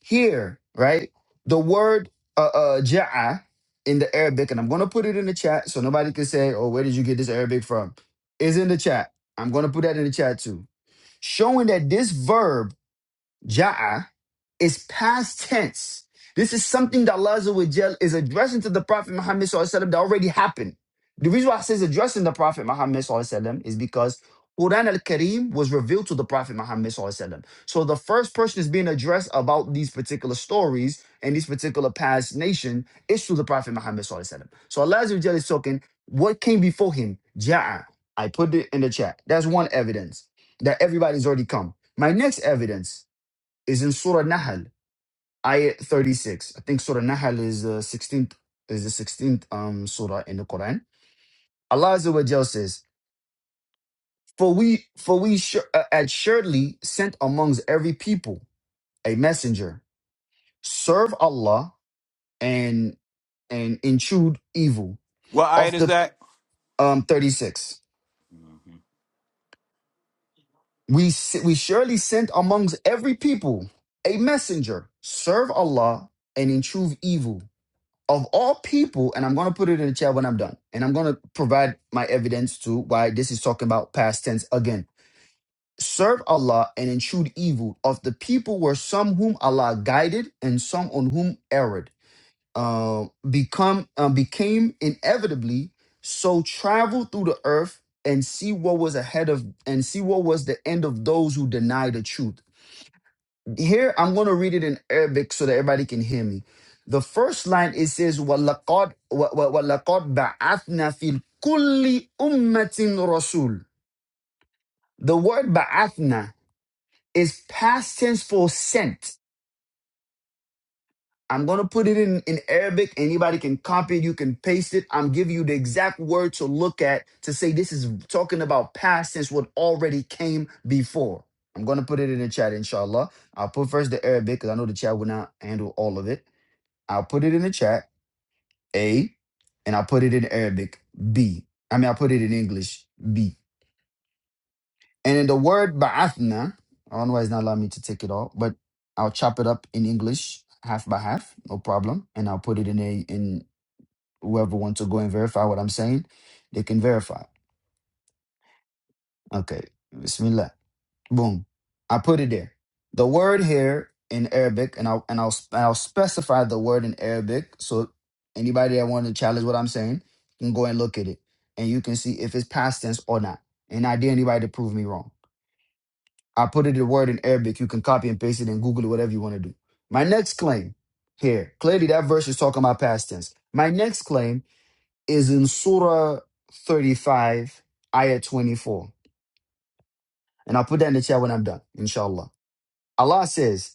here right the word uh, uh ja'a in the arabic and i'm going to put it in the chat so nobody can say oh where did you get this arabic from is in the chat i'm going to put that in the chat too showing that this verb Ja'a is past tense. This is something that Allah Azza wa Jal is addressing to the Prophet Muhammad Sallallahu Alaihi Wasallam that already happened. The reason why I says addressing the Prophet Muhammad Sallallahu Alaihi Wasallam is because Quran al-Kareem was revealed to the Prophet Muhammad Sallallahu Alaihi Wasallam. So the first person is being addressed about these particular stories and these particular past nation is through the Prophet Muhammad Sallallahu Alaihi Wasallam. So Allah Azza wa Jal is talking, what came before him? Ja'a. I put it in the chat. That's one evidence that everybody's already come. My next evidence is in Surah Nahl, ayah 36. I think Surah Nahl is the 16th is the 16th um surah in the Quran. Allah Azza wa Jal says, "For we for we su- uh, assuredly sent amongst every people a messenger. Serve Allah and and intrude evil." What Of ayat is the that? um 36, we s- we surely sent amongst every people a messenger. Serve Allah and intrude evil. of all people, and I'm going to put it in the chat when I'm done, and I'm going to provide my evidence to why this is talking about past tense again. Serve Allah and intrude evil. Of the people were some whom Allah guided and some on whom erred. Uh, become uh, became inevitably so travel through the earth and see what was ahead of and see what was the end of those who deny the truth. Here, I'm going to read it in Arabic so that everybody can hear me. The first line it says, "Walaqad wa- wa- walaqad ba'athna fil kulli ummatin rasul." The word ba'athna is past tense for sent. I'm going to put it in, in Arabic. Anybody can copy it. You can paste it. I'm giving you the exact word to look at to say this is talking about past tense, what already came before. I'm going to put it in the chat, inshallah. I'll put first the Arabic because I know the chat will not handle all of it. I'll put it in the chat. A, and I'll put it in Arabic. B. I mean, I'll put it in English. B. And in the word ba'athna, I don't know why it's not allowing me to take it all, but I'll chop it up in English, half by half, no problem. And I'll put it in a in whoever wants to go and verify what I'm saying, they can verify. Okay. Bismillah. Boom. I put it there. The word here in Arabic, and I'll and I'll and I'll specify the word in Arabic. So anybody that wants to challenge what I'm saying can go and look at it, and you can see if it's past tense or not. And I dare anybody to prove me wrong. I put it the word in Arabic. You can copy and paste it and Google it, whatever you want to do. My next claim here, clearly that verse is talking about past tense. My next claim is in Surah 35, Ayah 24. And I'll put that in the chat when I'm done, inshallah. Allah says,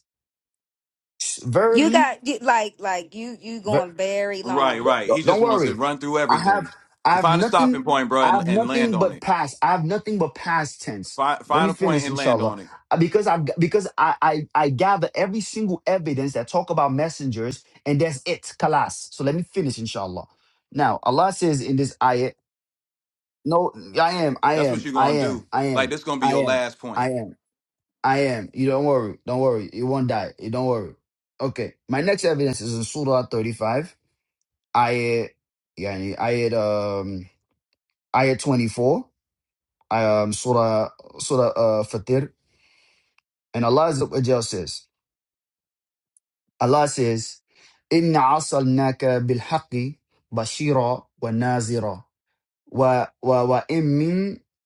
You verily got you, like like you you ver- going very Right, long. right. He don't just wants to worry run through i have everything. i Can have Find a nothing stopping point, bro, i have and, and land nothing on but it. past i have nothing but past tense Find, let find me a point finish and land inshallah on it. Uh, because i because i i, I gather every single evidence that talk about messengers and that's it kalas so let me finish inshallah now allah says in this ayah no i am i That's what am you're i gonna am do. i Like am this gonna be i your am last point. i am i am you don't worry don't worry you won't die you don't worry okay my next evidence is in surah 35 ayat يعني ayat um ayat 24 um surah surah uh, fatir and Allah Azza wa Jal says Allah says inna asalnaka bil haqqi bashira wa nazira wa wa wa in min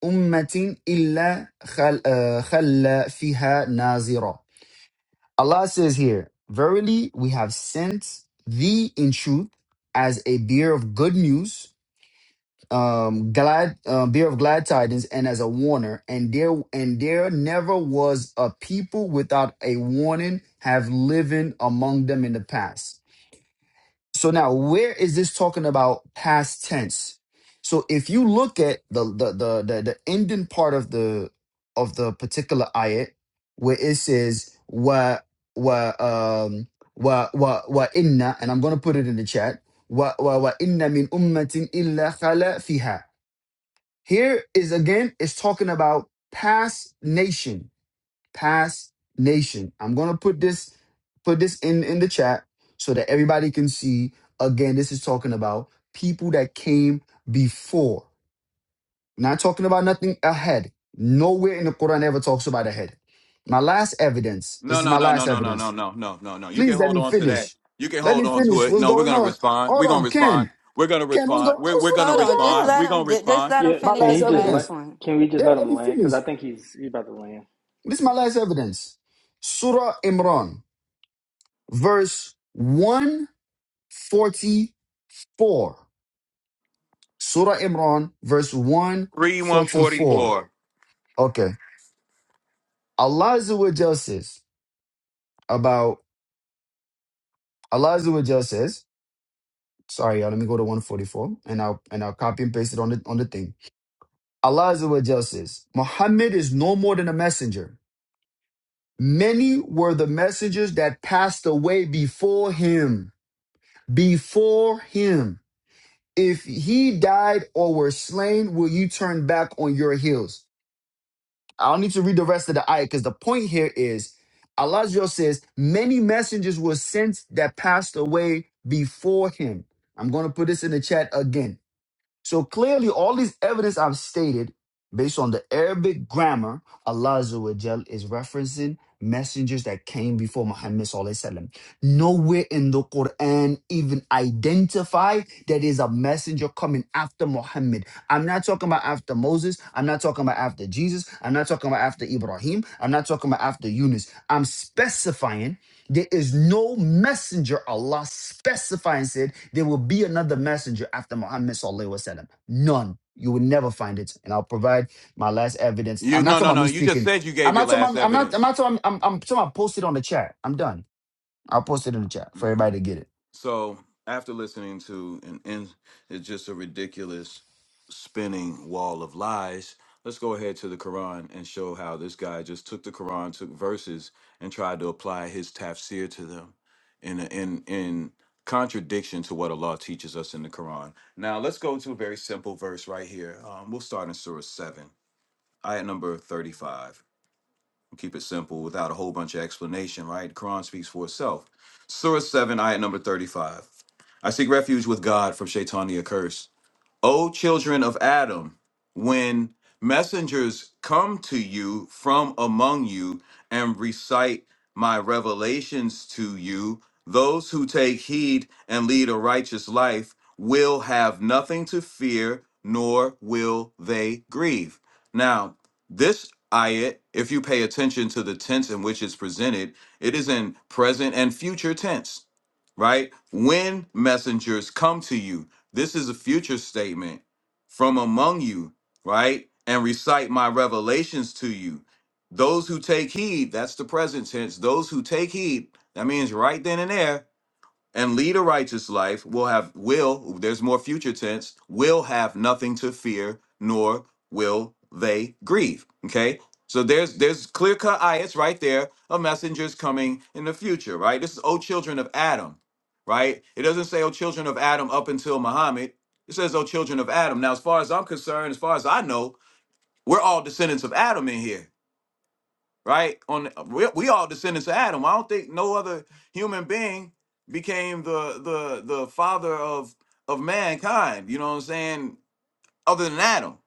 ummatin illa khal, uh, khalla fiha nazira Allah says here verily we have sent thee in truth as a bearer of good news um glad uh, beer of glad tidings and as a warner and there and there never was a people without a warning have living among them in the past so now where is this talking about past tense so if you look at the the the the, the ending part of the of the particular ayat where it says wa wa um wa wa wa inna and i'm going to put it in the chat wa wa wa inna min ummatin illa khala fiha here is again, it's talking about past nation, past nation. I'm gonna put this put this in in the chat so that everybody can see. Again, this is talking about people that came before. Not talking about nothing ahead. Nowhere in the Quran ever talks about ahead. My last evidence. This No, is my no, no, no, last no, no, no, evidence. no, no, no, no. You can Please let hold me on to that. finish. You can Let me hold on to finish. it. What's No, we're going gonna on? respond. Hold We're gonna on, respond. Ken. We're gonna Ken, what's going? respond. We're What's we're what, gonna Hold what's on. going Just respond. on? let We're gonna him just respond. let him Yeah, My finish can last he his just let? last evidence. point. Can we just Yeah, let let him me land? Because finish. I think he's he's about to land. This is my last evidence. Surah Imran, verse 144. Surah Imran, verse Three one forty 144. four. Okay. Allah Azza wa Jal says about Allah Azza wa Jal says, sorry, y'all, let me go to 144 and I'll and I'll copy and paste it on the on the thing. Allah Azza wa Jal says, Muhammad is no more than a messenger. Many were the messengers that passed away before him. Before him. If he died or were slain, will you turn back on your heels? I don't need to read the rest of the ayah because the point here is Alazio says, many messengers were sent that passed away before him. I'm going to put this in the chat again so clearly, all these evidence I've stated, based on the Arabic grammar, Allah Azza wa Jal is referencing messengers that came before Muhammad. Sallallahu Alaihi Wasallam. Nowhere in the Quran even identify that is a messenger coming after Muhammad. I'm not talking about after Moses. I'm not talking about after Jesus. I'm not talking about after Ibrahim. I'm not talking about after Yunus. I'm specifying there is no messenger. Allah specified and said there will be another messenger after Muhammad sallallahu alaihi wasallam. None. You will never find it. And I'll provide my last evidence. You I'm not no talking no about no. me You just speaking. said you I'm gave your not talking. last About, I'm not. I'm evidence. not talking. I'm, I'm talking. About post it on the chat. I'm done. I'll post it in the chat for Yeah. everybody to get it. So after listening to an in, it's just a ridiculous spinning wall of lies. Let's go ahead to the Quran and show how this guy just took the Quran, took verses, and tried to apply his tafsir to them in a, in in contradiction to what Allah teaches us in the Quran. Now let's go to a very simple verse right here. Um, we'll start in Surah seven, ayat number thirty-five keep it simple without a whole bunch of explanation, right? The Quran speaks for itself. Surah 7, ayat number 35. I seek refuge with God from Shaitania curse. O children of Adam, when messengers come to you from among you and recite my revelations to you, those who take heed and lead a righteous life will have nothing to fear, nor will they grieve. Now, this ayat, if you pay attention to the tense in which it's presented, it is in present and future tense right? When messengers come to you. This is a future statement from among you, right? And recite my revelations to you. Those who take heed, that's the present tense. Those who take heed, that means right then and there, and lead a righteous life will have will there's more future tense will have nothing to fear nor will they grieve okay so there's there's clear cut ayahs right there of messengers coming in the future right this is oh children of adam right it doesn't say oh children of adam up until muhammad it says oh children of adam now as far as i'm concerned as far as i know we're all descendants of adam in here right? On the, we, we all descendants of Adam. I don't think no other human being became the the the father of of mankind. You know what I'm saying? Other than Adam.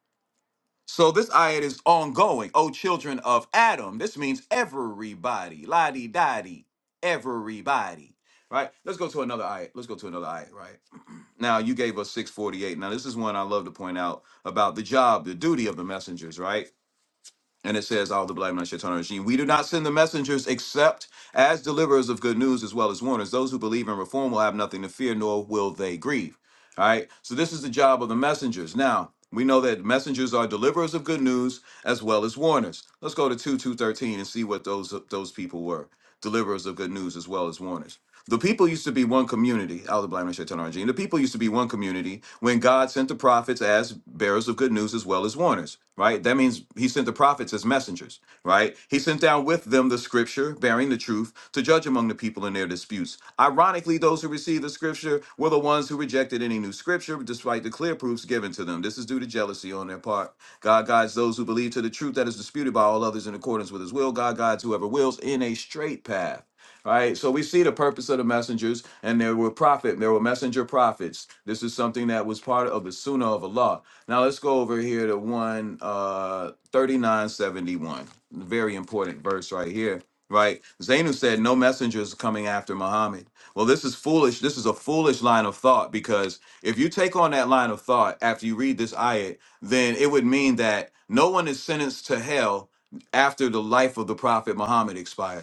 So this ayat is ongoing. Oh, children of Adam. This means everybody. La di da di. Everybody. Right. Let's go to another ayat. Let's go to another ayat. Right. Now you gave us 648. Now this is one I love to point out about the job, the duty of the messengers. Right and it says, All the black men shall turn regime. We do not send the messengers except as deliverers of good news as well as warners. Those who believe in reform will have nothing to fear, nor will they grieve. All right. So this is the job of the messengers. Now, we know that messengers are deliverers of good news as well as warners. Let's go to 2 213 and see what those those people were. Deliverers of good news as well as warners. The people used to be one community. I was blaming Shaitan Arjun. The people used to be one community when God sent the prophets as bearers of good news as well as warners, right? That means he sent the prophets as messengers, right? He sent down with them the scripture bearing the truth to judge among the people in their disputes. Ironically, those who received the scripture were the ones who rejected any new scripture despite the clear proofs given to them. This is due to jealousy on their part. God guides those who believe to the truth that is disputed by all others in accordance with his will. God guides whoever wills in a straight path right? So we see the purpose of the messengers, and there were prophet, there were messenger prophets. This is something that was part of the Sunnah of Allah. Now let's go over here to one uh, thirty nine seventy one, very important verse right here. Right, Zainu said, "No messengers coming after Muhammad." Well, this is foolish. This is a foolish line of thought because if you take on that line of thought after you read this ayat, then it would mean that no one is sentenced to hell after the life of the Prophet Muhammad expired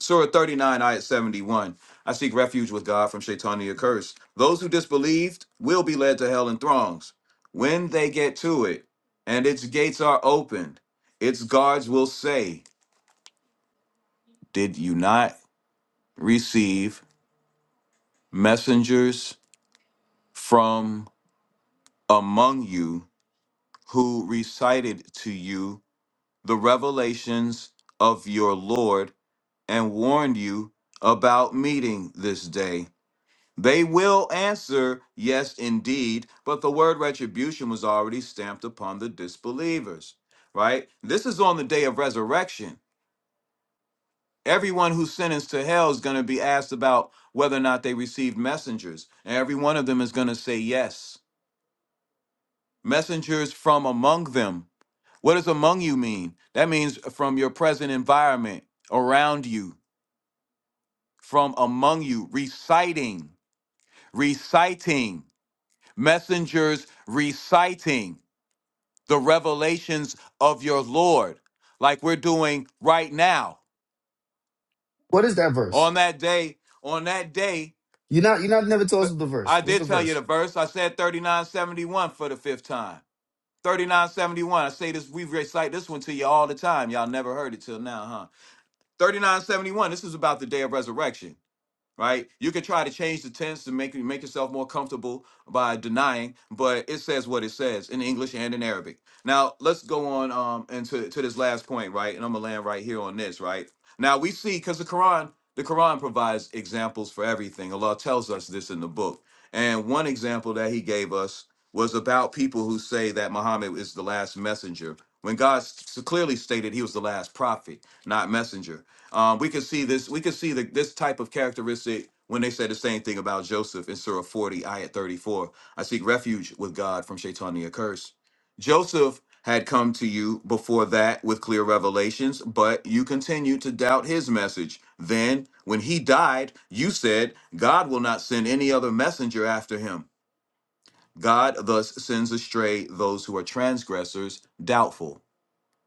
Surah 39, ayat 71. I seek refuge with God from Shaitania curse. Those who disbelieved will be led to hell in throngs when they get to it, and its gates are opened. Its guards will say, Did you not receive messengers from among you who recited to you the revelations of your Lord and warned you about meeting this day? They will answer, Yes, indeed, but the word retribution was already stamped upon the disbelievers, right? This is on the day of resurrection. Everyone who's sentenced to hell is going to be asked about whether or not they received messengers, and every one of them is going to say yes. Messengers from among them. What does among you mean? That means from your present environment, around you, from among you, reciting, reciting, messengers reciting. the revelations of your Lord, like we're doing right now. What is that On verse? that day, on that day, You're not. You're not never told th- us the verse. I What's did the tell you the verse? verse. I said 3971 for the fifth time. 3971. I say this, we recite this one to you all the time. Y'all never heard it till now, huh? 3971. This is about the day of resurrection. right? You can try to change the tense to make make yourself more comfortable by denying, but it says what it says in English and in Arabic. Now let's go on um into to this last point, right? And I'm gonna land right here on this, right? Now we see because the Quran, the Quran provides examples for everything. Allah tells us this in the book, and one example that He gave us was about people who say that Muhammad is the last messenger. When God s- clearly stated he was the last prophet, not messenger. Um, we can see this. We can see the, this type of characteristic when they say the same thing about Joseph in Surah 40, Ayat 34. I seek refuge with God from Shaitania curse. Joseph had come to you before that with clear revelations, but you continued to doubt his message. Then, when he died, you said, God will not send any other messenger after him. God thus sends astray those who are transgressors, doubtful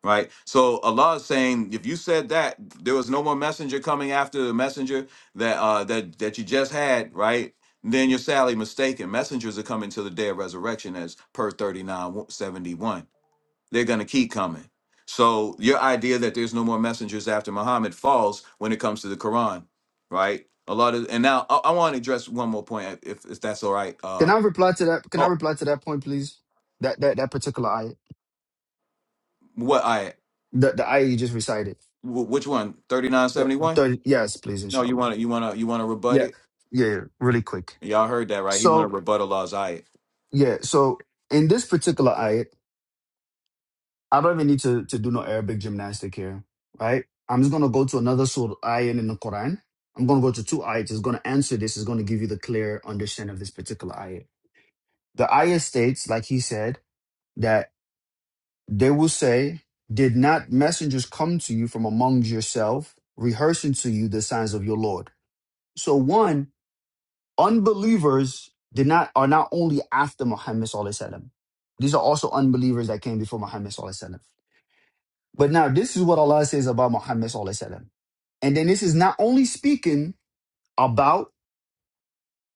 right? So Allah is saying, if you said that, there was no more messenger coming after the messenger that uh that that you just had, right? Then you're sadly mistaken. Messengers are coming to the day of resurrection, as per 3971. They're gonna keep coming. So your idea that there's no more messengers after Muhammad falls when it comes to the Quran, right? A lot of and now I, I want to address one more point, if if that's all right. Can Uh I reply to that? Can I oh, reply to that point, please? That that that particular ayah. what I The the ayah you just recited. wh- which one? The, 3971? the, yes, please, No, you inshallah. wanna you wanna you wanna rebut Yeah, it? yeah, yeah, really quick. Y'all heard that, right? He wanted So to rebut Allah's ayat. yeah, so in this particular ayat, I don't even need to, to do no Arabic gymnastic here, right? I'm just gonna go to another surah ayat in the Quran. I'm gonna go to two ayats. It's gonna answer this. It's gonna give you the clear understanding of this particular ayat. The ayat states, like he said, that they will say, "Did not messengers come to you from among yourself, rehearsing to you the signs of your Lord?" So one. Unbelievers did not are not only after Muhammad Sallallahu Alaihi Wasallam. These are also unbelievers that came before Muhammad Sallallahu Alaihi Wasallam. But now this is what Allah says about Muhammad Sallallahu Alaihi Wasallam. And then this is not only speaking about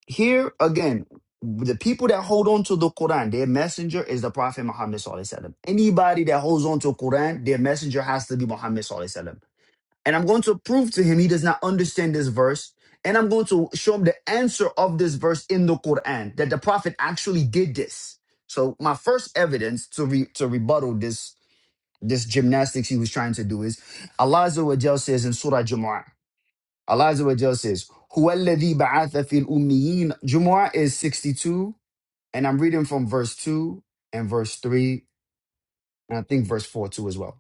here again, the people that hold on to the Quran, their messenger is the Prophet Muhammad Sallallahu Alaihi Wasallam. Anybody that holds on to Quran, their messenger has to be Muhammad Sallallahu Alaihi Wasallam. And I'm going to prove to him he does not understand this verse. And I'm going to show him the answer of this verse in the Quran that the Prophet actually did this. So my first evidence to re- to rebuttal this this gymnastics he was trying to do is Allah Azza wa Jal says in Surah Jumu'ah, Allah Azza wa Jal says, "Huwa alladhi ba'atha fil ummiyin." Jumu'ah is 62, and I'm reading from verse 2 and verse 3, and I think verse 4 too as well.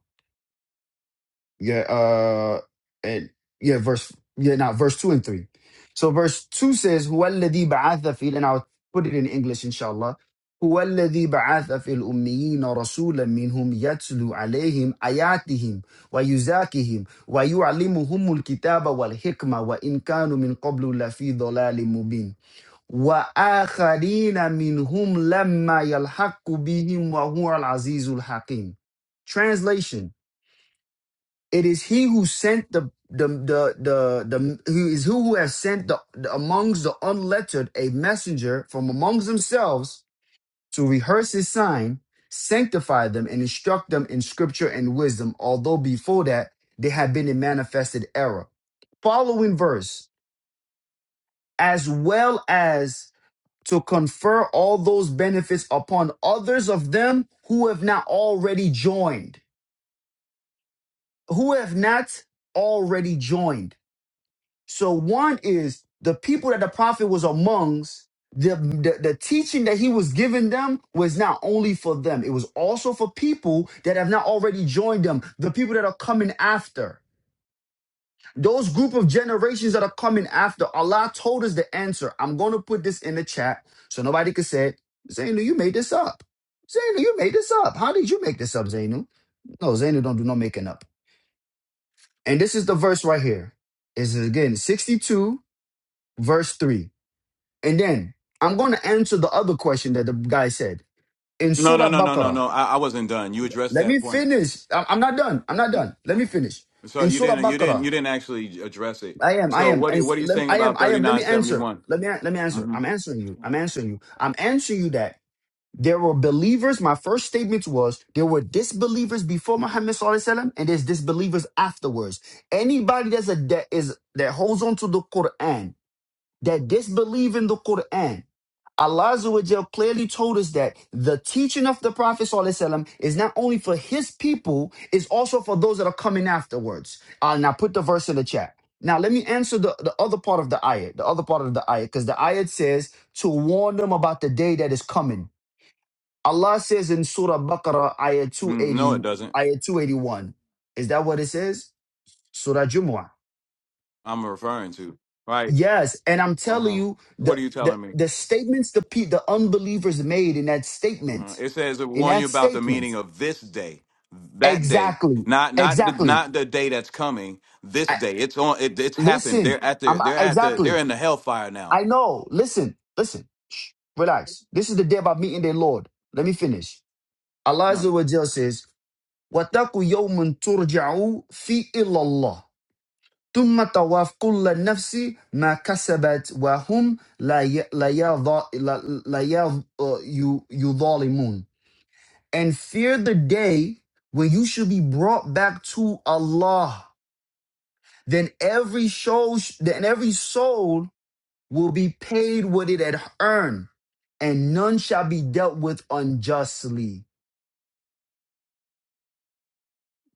Yeah. Uh. And yeah. Verse. Yeah. Not verse two and three. So verse two says, "Who is the one who sent down the Quran?" And I'll put it in English, Inshallah. Who is the one who sent down the Quran to the believers? A messenger among them, who teaches them their verses, and warns them, and teaches them the Book and the wisdom, and if they were before, they are in clear guidance. And others among them, when they are wronged by him, he is the Most Merciful, the Most Knowing. Translation. It is he who sent the the the the, the he is who who has sent the, the amongst the unlettered a messenger from amongst themselves to rehearse his sign, sanctify them, and instruct them in scripture and wisdom, although before that they had been in manifested error. Following verse, as well as to confer all those benefits upon others of them who have not already joined, who have not already joined So one is the people that the prophet was amongst, the, the, the teaching that he was giving them was not only for them, it was also for people that have not already joined them, the people that are coming after. Those group of generations that are coming after, Allah told us the answer. I'm going to put this in the chat so nobody can say, Zainu, you made this up. Zainu, you made this up. How did you make this up, Zainu? No, Zainu don't do no making up. And this is the verse right here. This again 62, verse 3. And then I'm going to answer the other question that the guy said in No, no, Surah no, no, no, Baqarah. no. I, I wasn't done. You addressed Let me that point. finish. I- I'm not done. I'm not You- done. Let uh, me finish. So In you Surah didn't, you didn't, Baqarah, you didn't actually address it. I am, I So am, what? and Are, s- what are you lem- saying I am, about I thirty am. Let nine me seventy answer. one? Let me, let me answer. I'm answering you. I'm answering you. I'm answering you that there were believers. My first statement was there were disbelievers before Muhammad Sallallahu Alaihi Wasallam, and there's disbelievers afterwards. Anybody that's a that is that holds on to the Quran, that disbelieve in the Quran. Allah Azza wa Jal clearly told us that the teaching of the Prophet sallallahu alaihi wasallam is not only for his people, it's also for those that are coming afterwards. Uh, now put the verse in the chat. Now let me answer the, the other part of the ayat, the other part of the ayat, because the ayat says to warn them about the day that is coming. Allah says in Surah Baqarah, ayat No, it 280, doesn't. ayat 281. Is that what it says? Surah Jumu'ah. I'm referring to right. Yes, and I'm Uh telling huh. you the What are you the telling me? the statements the pe- the unbelievers made in that Uh-huh. statement, It says it in warn you that about the statement, meaning of this day, that day, exactly, not not the, exactly. not the day that's coming. This I, day, it's on. It, it's happened. listen, They're at I'm the. I- They're at the. They're exactly. in the hellfire now. I know. Listen, listen. Relax. This is the day about meeting the Lord. Let me finish. Allah Azza wa Jalla says, "Wataku yawmun turja'u fi illallah." ثم طواف كل نفس ما كسبت وهم لا uh, يظالمون and fear the day when you should be brought back to Allah then every soul then every soul will be paid what it had earned and none shall be dealt with unjustly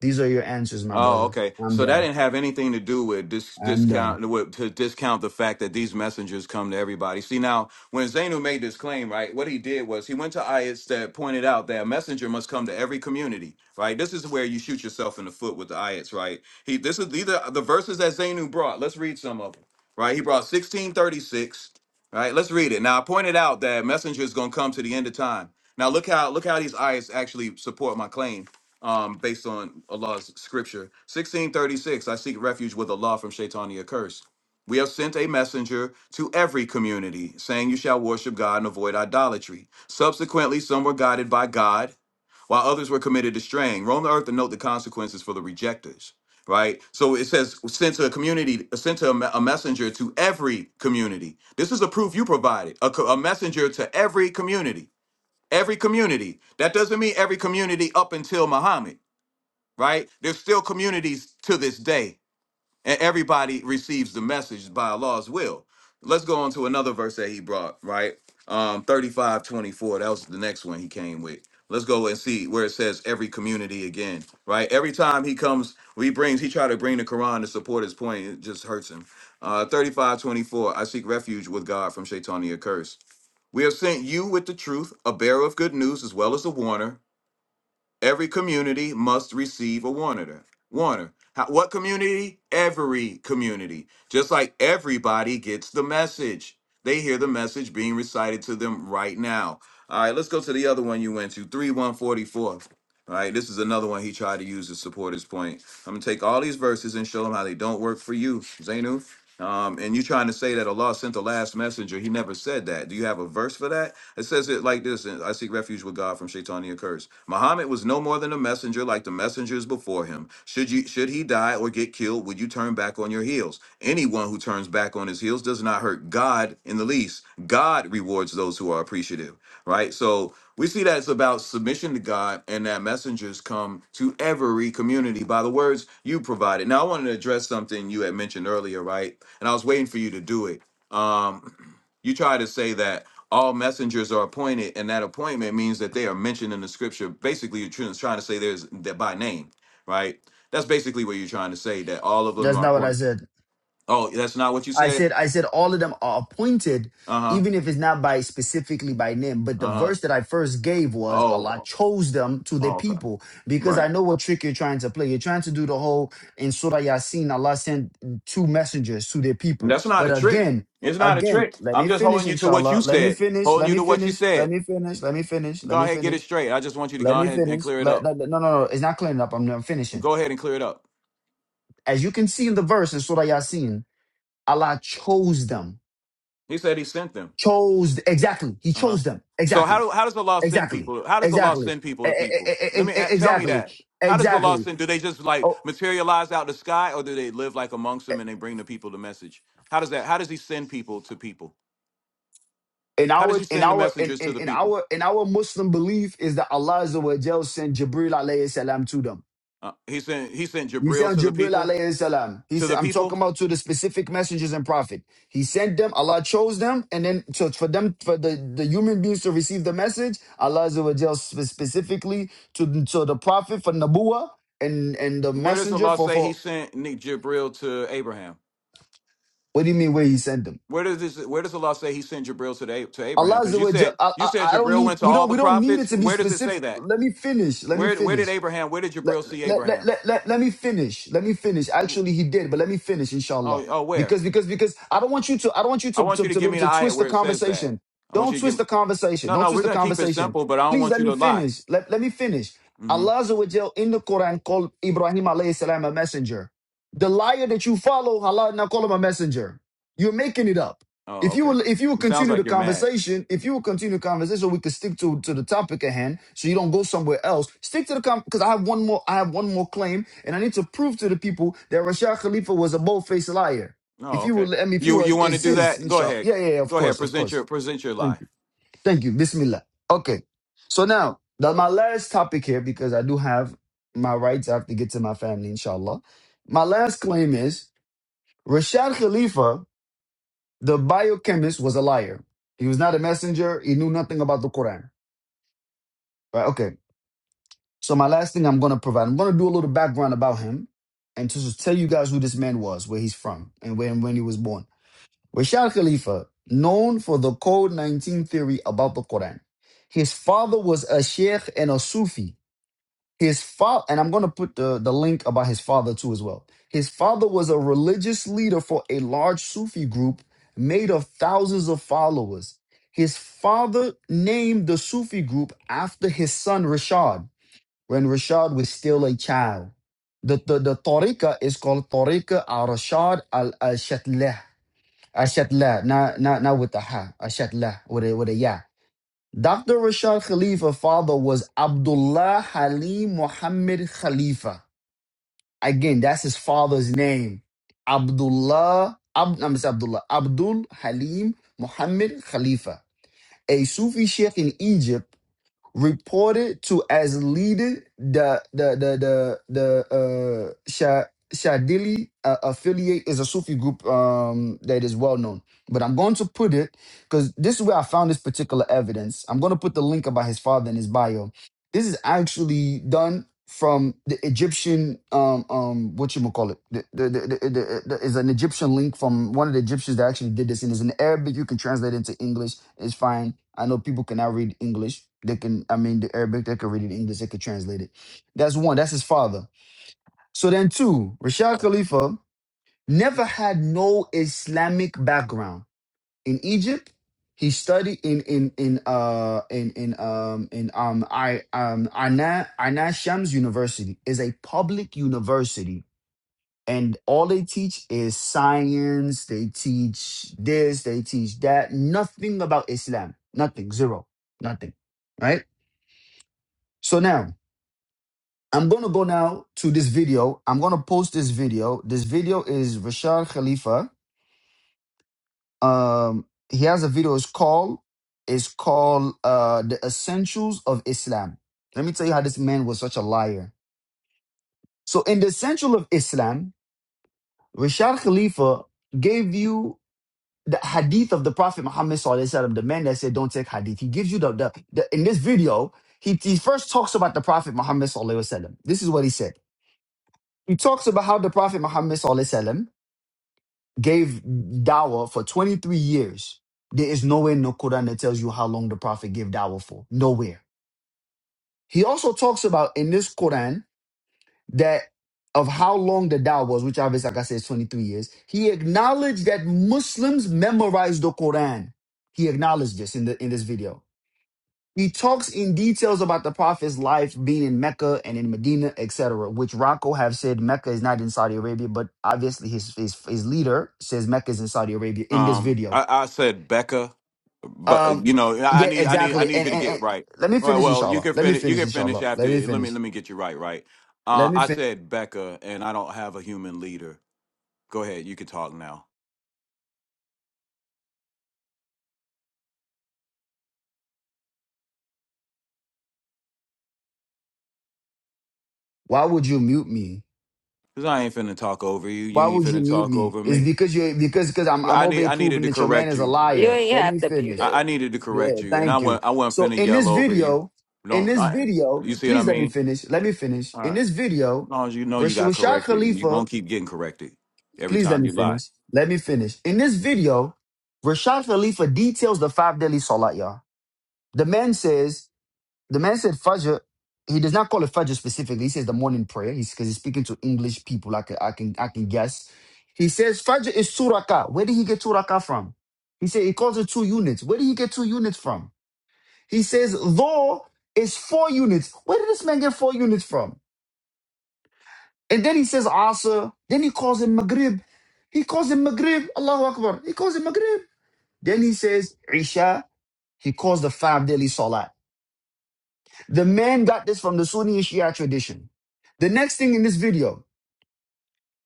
these are your answers my Oh, brother okay. I'm So that done didn't have anything to do with dis- I'm done discount with, to discount the fact that these messengers come to everybody. See, now when Zainu made this claim, right, what he did was he went to ayats that pointed out that a messenger must come to every community, right? This is where you shoot yourself in the foot with the ayats, right? He this is these are the verses that Zainu brought. Let's read some of them, right? He brought sixteen thirty six, right? Let's read it. Now I pointed out that messenger is going to come to the end of time. Now look how look how these ayats actually support my claim um, based on Allah's scripture. 1636, I seek refuge with Allah from shaitania curse. We have sent a messenger to every community, saying, You shall worship God and avoid idolatry. Subsequently, some were guided by God, while others were committed to straying. Roam the earth and note the consequences for the rejectors. Right, so it says sent to a community, sent to a, me- a messenger to every community. This is the proof you provided, a, co- a messenger to every community, every community. That doesn't mean every community up until Muhammad right? There's still communities to this day, and everybody receives the message by Allah's will. Let's go on to another verse that he brought, right? Um, 35 twenty-four, That was the next one he came with. Let's go and see where it says every community again, right? Every time he comes, he brings, he try to bring the Quran to support his point. It just hurts him. Uh, 35 twenty-four, I seek refuge with God from Shaitania curse. We have sent you with the truth, a bearer of good news as well as a warner Every community must receive a warner. Warner. How, what community? Every community. Just like everybody gets the message. They hear the message being recited to them right now. All right, let's go to the other one you went to, Three one forty-four. All right, this is another one he tried to use to support his point. I'm going to take all these verses and show them how they don't work for you, Zainu. Um, and you trying to say that Allah sent the last messenger. He never said that. Do you have a verse for that? It says it like this I seek refuge with God from Shaitania curse. Muhammad was no more than a messenger like the messengers before him. Should you should he die or get killed, would you turn back on your heels? Anyone who turns back on his heels does not hurt God in the least. God rewards those who are appreciative, right? So we see that it's about submission to God and that messengers come to every community by the words you provided. Now I wanted to address something you had mentioned earlier, right? And I was waiting for you to do it. Um you tried to say that all messengers are appointed, and that appointment means that they are mentioned in the scripture. Basically, you're trying to say there's that by name, right? That's basically what you're trying to say that all of them that's are not what I appointed. said Oh, that's not what you I said. said, I said, all of them are appointed, Uh huh. even if it's not by specifically by name. But the Uh huh. verse that I first gave was Allah Oh, chose them to their oh, okay. people because I Right. know what trick you're trying to play. You're trying to do the whole in Surah Yasin, Allah sent two messengers to their And people. That's not But a trick. again, It's not a again, trick. let I'm me just finish, holding you to what inshallah. you Let me said. finish. Holding Let you me to what you finish. Let said. me finish. Let me finish. Let Go me ahead, get it finish. straight. I just want you to Let go me ahead and finish. clear it Let, up. let- no, no, no. It's not cleaning up. I'm, I'm finishing. Go ahead and clear it up. As you can see in the verse in Surah Yasin, Allah chose them. He said he sent them. chose exactly he Uh huh. chose them So how exactly do how does Allah send exactly people? How does Allah exactly send E- people to e- e- people? e- Let e- me e, a- tell me exactly that. How does Allah exactly send? Do they just like oh materialize out the sky, or do they live like amongst them and they bring the people the message? How does that? How does He send people to people? in How does our He in send the our in, messengers to in, the in people? our in our muslim belief is that allah Azza wa Jal sent jibril alayhi salam to them Uh, he sent He sent He Jibril sent to the Jibril people. alayhi salam. He To said, the I'm talking people. about to the specific messengers and prophet. He sent them, Allah chose them, and then so for them, for the, the human beings to receive the message, Allah Azza wa Jal spe- specifically to, to the prophet for Nabuwa and, and the Where does messenger Allah for, say He for, sent Ni- Jibril to Abraham? what do you mean where he sent them? Where does this, Where does Allah say He sent Jibril to the, A- to Abraham? Allah Because Azza you wa Jal, said I, you I, said I don't Jibril need, went to we all don't, the we don't need it prophets. to be Where does it say specific. that? Let me finish. Let me Where where did finish. Abraham? Where did let, Jabril see let, let, Abraham? let, let, let me finish. Let me finish. Oh Actually, he did, but let me finish, inshallah. oh where? Because because because I don't want you to I don't want you I to, want you to, to to be give able me the to ayat twist the where it says that. conversation. I want Don't you to twist give. the conversation. No Don't no, twist we're the gonna keep it conversation. simple, but I don't Please want let you me to lie. finish. Let, let me finish. hmm Allah Azza wa Jal in the Quran called Ibrahim alayhi salam a messenger. The liar that you follow, Allah did not call him a messenger. You're making it up. Oh If you okay. will, if you will It sounds continue the like you're mad. conversation, if you will continue the conversation, we could stick to to the topic at hand, so you don't go somewhere else. Stick to the com because I have one more, I have one more claim, and I need to prove to the people that Rashad Khalifa was a bold faced liar. Oh If you okay. will, I mean, if you You will you want to do insist, that? Go inshallah, ahead. yeah, yeah, yeah, of Go ahead. course, of Present your course. present your Thank lie. you, thank you, Bismillah. Okay, so now that my last topic here, because I do have my rights, I have to get to my family, inshallah. My last claim is Rashad Khalifa the biochemist was a liar. He was not a messenger. He knew nothing about the Quran. Right? Okay. So my last thing I'm going to provide, I'm going to do a little background about him and to just tell you guys who this man was, where he's from, and when when he was born. Rashad Khalifa, known for the Code 19 theory about the Quran. His father was a sheikh and a Sufi his father and i'm going to put the, the link about his father too as well his father was a religious leader for a large sufi group made of thousands of followers his father named the sufi group after his son rashad when rashad was still a child the, the, the tariqah is called tariqah al-rashad al-shatlah al-shatlah not, not, not with the ha al-shatlah with a, with a ya Dr. Rashad Khalifa's father was Abdullah Halim Muhammad Khalifa. Again, that's his father's name. Abdullah, Ab, I'm sorry, Abdullah, Abdul Halim Muhammad Khalifa, a Sufi sheikh in Egypt reported to as leader the the the the the uh Sha, Shadili uh, affiliate is a Sufi group um that is well known. But I'm going to put it because this is where I found this particular evidence. I'm going to put the link about his father in his bio this is actually done from the Egyptian um um what you call it. The, the, the, the, the, the, is an Egyptian link from one of the Egyptians that actually did this, and it's in Arabic. You can translate it into English. It's fine. I know people cannot read English. They can, I mean, the Arabic. They can read it in English. They can translate it. That's one. That's his father. So then, two. Rashad Khalifa never had no Islamic background in Egypt. He studied in in in uh in in um in um I um Aina Aina Shams University is a public university and all they teach is science. They teach this. They teach that. Nothing about Islam. Nothing. Zero. Nothing. Right. So now I'm gonna go now to this video. I'm gonna post this video. This video is Rashad Khalifa Um, he has a video. It's called it's called uh, the Essentials of Islam. Let me tell you how this man was such a liar. So in the Essential of Islam, Rashad Khalifa gave you the hadith of the Prophet Muhammad Sallallahu Alaihi Wasallam, the man that said don't take hadith. He gives you the, the, the in this video, he, he first talks about the Prophet Muhammad Sallallahu Alaihi Wasallam. This is what he said. He talks about how the Prophet Muhammad Sallallahu Alaihi Wasallam gave dawah for 23 years. There is nowhere in the Quran that tells you how long the prophet gave dawah for. Nowhere. He also talks about in this Quran that of how long the dawah was, which obviously, like I said, is 23 years. He acknowledged that Muslims memorize the Quran. He acknowledged this in, the, in this video. He talks in details about the prophet's life being in Mecca and in Medina, etc., which Rocco have said Mecca is not in Saudi Arabia, but obviously his, his, his leader says Mecca is in Saudi Arabia in this Um, video. I, I said Becca, but uh, Um, you know I I yeah, need I need I exactly. need And, you to and and get right. let me All right. finish, Well, you inshallah. can Let me finish. You finish, can finish inshallah. after. Let me Let me finish. let me get you right. Right. Let Uh, me I finish. said Becca, and I don't have a human leader. Go ahead. You can talk now. Why would you mute me? Cause I ain't finna talk over you. Why You ain't would you finna mute talk me? over It's me. because you because because I'm Yeah, I'm I over need here I needed proving to that your man correct is a you. You liar. ain't Let me have to be finish. there. I, I needed to correct Yeah, you, and I thank you. went I So wasn't finna in this yell over you. video, in Don't this I, video, you see what I please let me mean? finish. Let me finish. All In right. this As video, long as you know you Rash- got Rashad corrected, and you are gonna Khalifa, keep getting corrected every please let time me you lie. finish. Let me finish. In this video, Rashad Khalifa details the five daily salat, y'all. The man says The man said Fajr. He does not call it Fajr specifically. He says the morning prayer. He's because he's speaking to English people. I can I can I can guess. He says Fajr is suraka. Where did he get suraka from? He said he calls it two units. Where did he get two units from? He says though is four units. Where did this man get four units from? And then he says Asr. Then he calls it Maghrib. He calls it Maghrib. Allahu Akbar. He calls it Maghrib. Then he says Isha. He calls the five daily salat. The man got this from the Sunni and Shia tradition. The next thing in this video,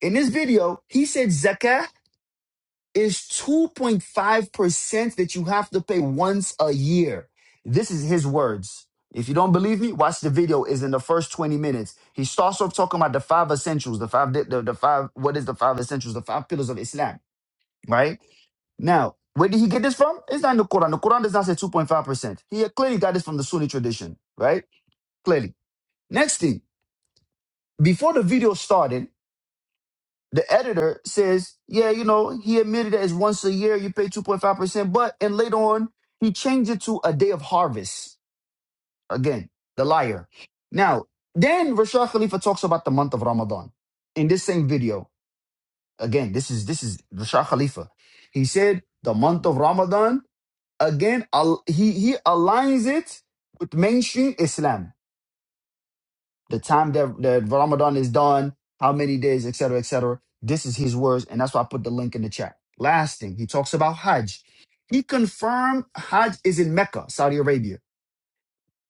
in this video, he said zakah is 2.5% that you have to pay once a year. This is his words. If you don't believe me, watch the video. Is in the first 20 minutes. He starts off talking about the five essentials, the five, the, the five, what is the five essentials, the five pillars of Islam, right? Now, where did he get this from? It's not in the Quran. The Quran does not say 2.5%. He clearly got this from the Sunni tradition, right? Clearly. Next thing. Before the video started, the editor says, yeah, you know, he admitted that it's once a year you pay 2.5%, but, and later on, he changed it to a day of harvest. Again, the liar. Now, then Rashad Khalifa talks about the month of Ramadan in this same video. Again, this is, this is Rashad Khalifa. He said the month of Ramadan, again, al- he, he aligns it with mainstream Islam the time that, that Ramadan is done, how many days, et cetera, et cetera. This is his words, and that's why I put the link in the chat. Last thing, he talks about Hajj. He confirmed Hajj is in Mecca, Saudi Arabia.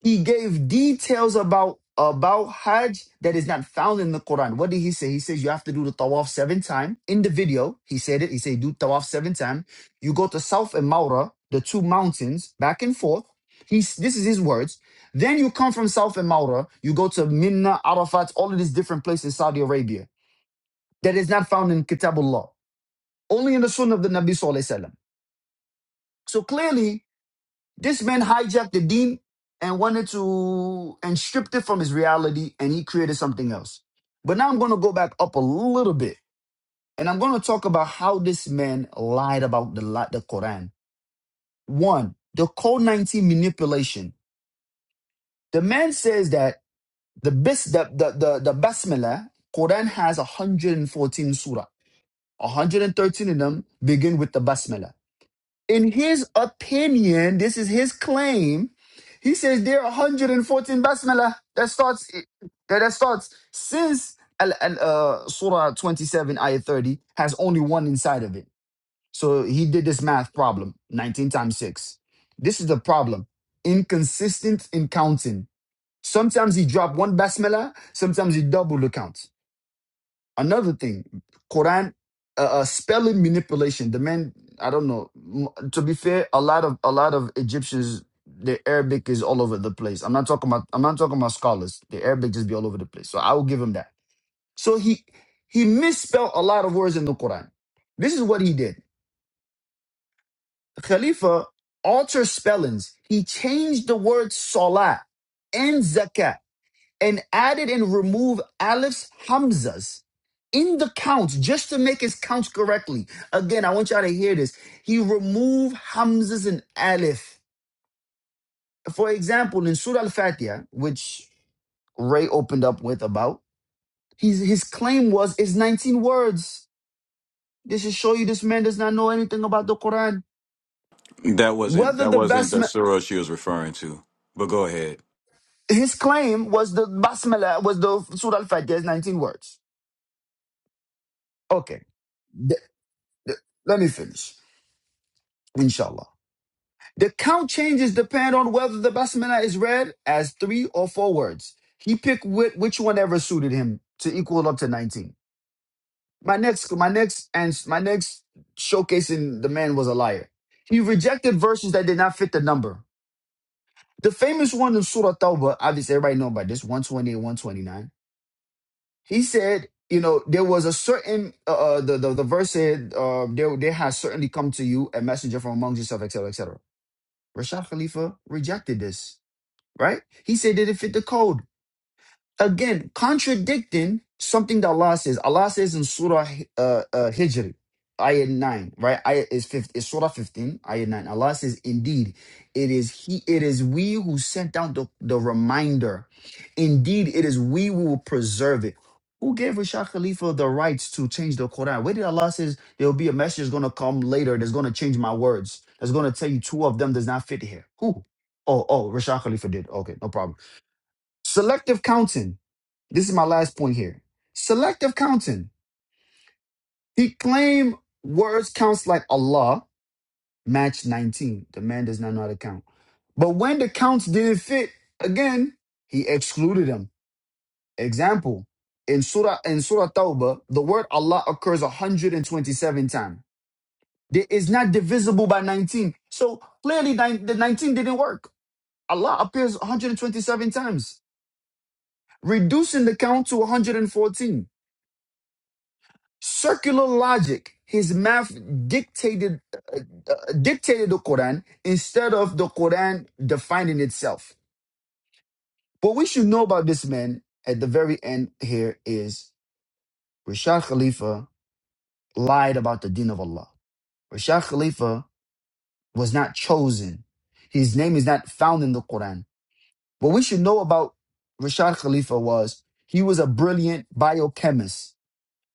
He gave details about about Hajj that is not found in the Quran. What did he say? He says you have to do the tawaf seven times. In the video, he said it. He said do tawaf seven times. You go to South and Maura, the two mountains, back and forth. He's this is his words. Then you come from South and Maura, you go to Minna, Arafat, all of these different places in Saudi Arabia that is not found in Kitabullah, only in the Sunnah of the Nabi Sallallahu Alaihi Wasallam. So clearly, this man hijacked the deen and wanted to and stripped it from his reality and he created something else. But now I'm going to go back up a little bit and I'm going to talk about how this man lied about the li- the Quran. One, the code 19 manipulation. The man says that the best the the the, the basmala Quran has 114 surah. 113 of them begin with the basmala. in his opinion, this is his claim. He says there are 114 basmalah that starts that, that starts since al, al, uh, Surah 27 ayah 30 has only one inside of it. So he did this math problem 19 times 6. This is the problem. Inconsistent in counting. Sometimes he drop one basmalah, sometimes he double the count. Another thing, Quran uh, uh, spelling manipulation. The man, I don't know. M- To be fair, a lot of a lot of Egyptians, their Arabic is all over the place. I'm not talking about I'm not talking about scholars. The Arabic just be all over the place. So I will give him that. So he he misspelled a lot of words in the Quran. This is what he did. Khalifa altered spellings. He changed the word salah and zakat and added and removed alifs, hamzas in the counts just to make his counts correctly. Again, I want y'all to hear this. He removed hamzas and alif. For example, in Surah Al-Fatiha, which Ray opened up with about, his, his claim was it's 19 words. This should show you this man does not know anything about the Quran. That wasn't Whether that the wasn't the basma Sura she was referring to. But go ahead. his claim was the basmala was the Surah Al-Fatiha is 19 words. Okay, th- let me finish. Inshallah. The count changes depend on whether the basmala is read as three or four words. He picked which, which one ever suited him to equal up to 19. My next, my next, and my next showcasing the man was a liar. He rejected verses that did not fit the number. The famous one in Surah Tawbah, obviously everybody know about this, 128, 129. He said, you know, there was a certain, uh, uh, the, the, the verse said, uh, there, there has certainly come to you a messenger from amongst yourself, etc., etc. Rashad Khalifa rejected this right? He said, did it fit the code? Again, contradicting something that Allah says. Allah says in Surah uh, uh, Hijr, ayah 9, right? Ayah is 15, is Surah 15, ayah 9. Allah says, indeed, it is he, it is we who sent down the, the reminder. Indeed, it is we who will preserve it. Who gave Rashad Khalifa the rights to change the Quran? Where did Allah says there'll be a message that's gonna come later that's gonna change my words? That's gonna tell you two of them does not fit here. Who? Oh, oh, Rashad Khalifa did. Okay, no problem. Selective counting. This is my last point here. Selective counting. He claimed words counts like Allah, match 19. The man does not know how to count. But when the counts didn't fit, again, he excluded them. Example, in Surah in Surah Tawbah, the word Allah occurs 127 times. It is not divisible by 19. So clearly nine- the 19 didn't work. Allah appears 127 times, reducing the count to 114. circular logic. His math dictated uh, uh, dictated the Quran instead of the Quran defining itself. What we should know about this man at the very end here is Rashad Khalifa lied about the Deen of Allah. Rashad Khalifa was not chosen. His name is not found in the Quran. What we should know about Rashad Khalifa was he was a brilliant biochemist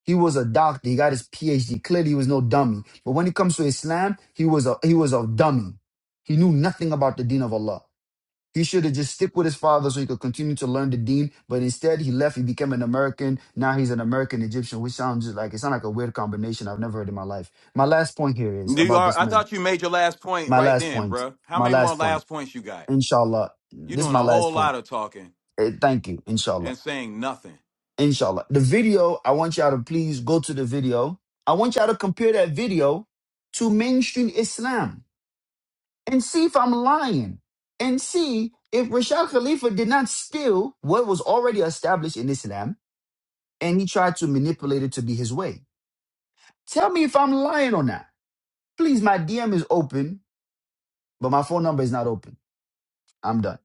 He was a doctor. He got his PhD. Clearly, he was no dummy. But when it comes to Islam, he was a he was a dummy. He knew nothing about the Deen of Allah. He should have just stick with his father so he could continue to learn the Deen. But instead, he left. He became an American. Now he's an American Egyptian, which sounds just like it sounds like a weird combination I've never heard in my life. My last point here is You about are. this I man. thought you made your last point My right last then, point. bruh. How My many more last point. last points you got? Inshallah. You This is doing my a last whole point. lot of talking Eh, Thank you. Inshallah. and saying nothing. Inshallah. The video, I want y'all to please go to the video. I want y'all to compare that video to mainstream Islam and see if I'm lying and see if Rashad Khalifa did not steal what was already established in Islam and he tried to manipulate it to be his way. Tell me if I'm lying or not. Please, my DM is open, but my phone number is not open. I'm done.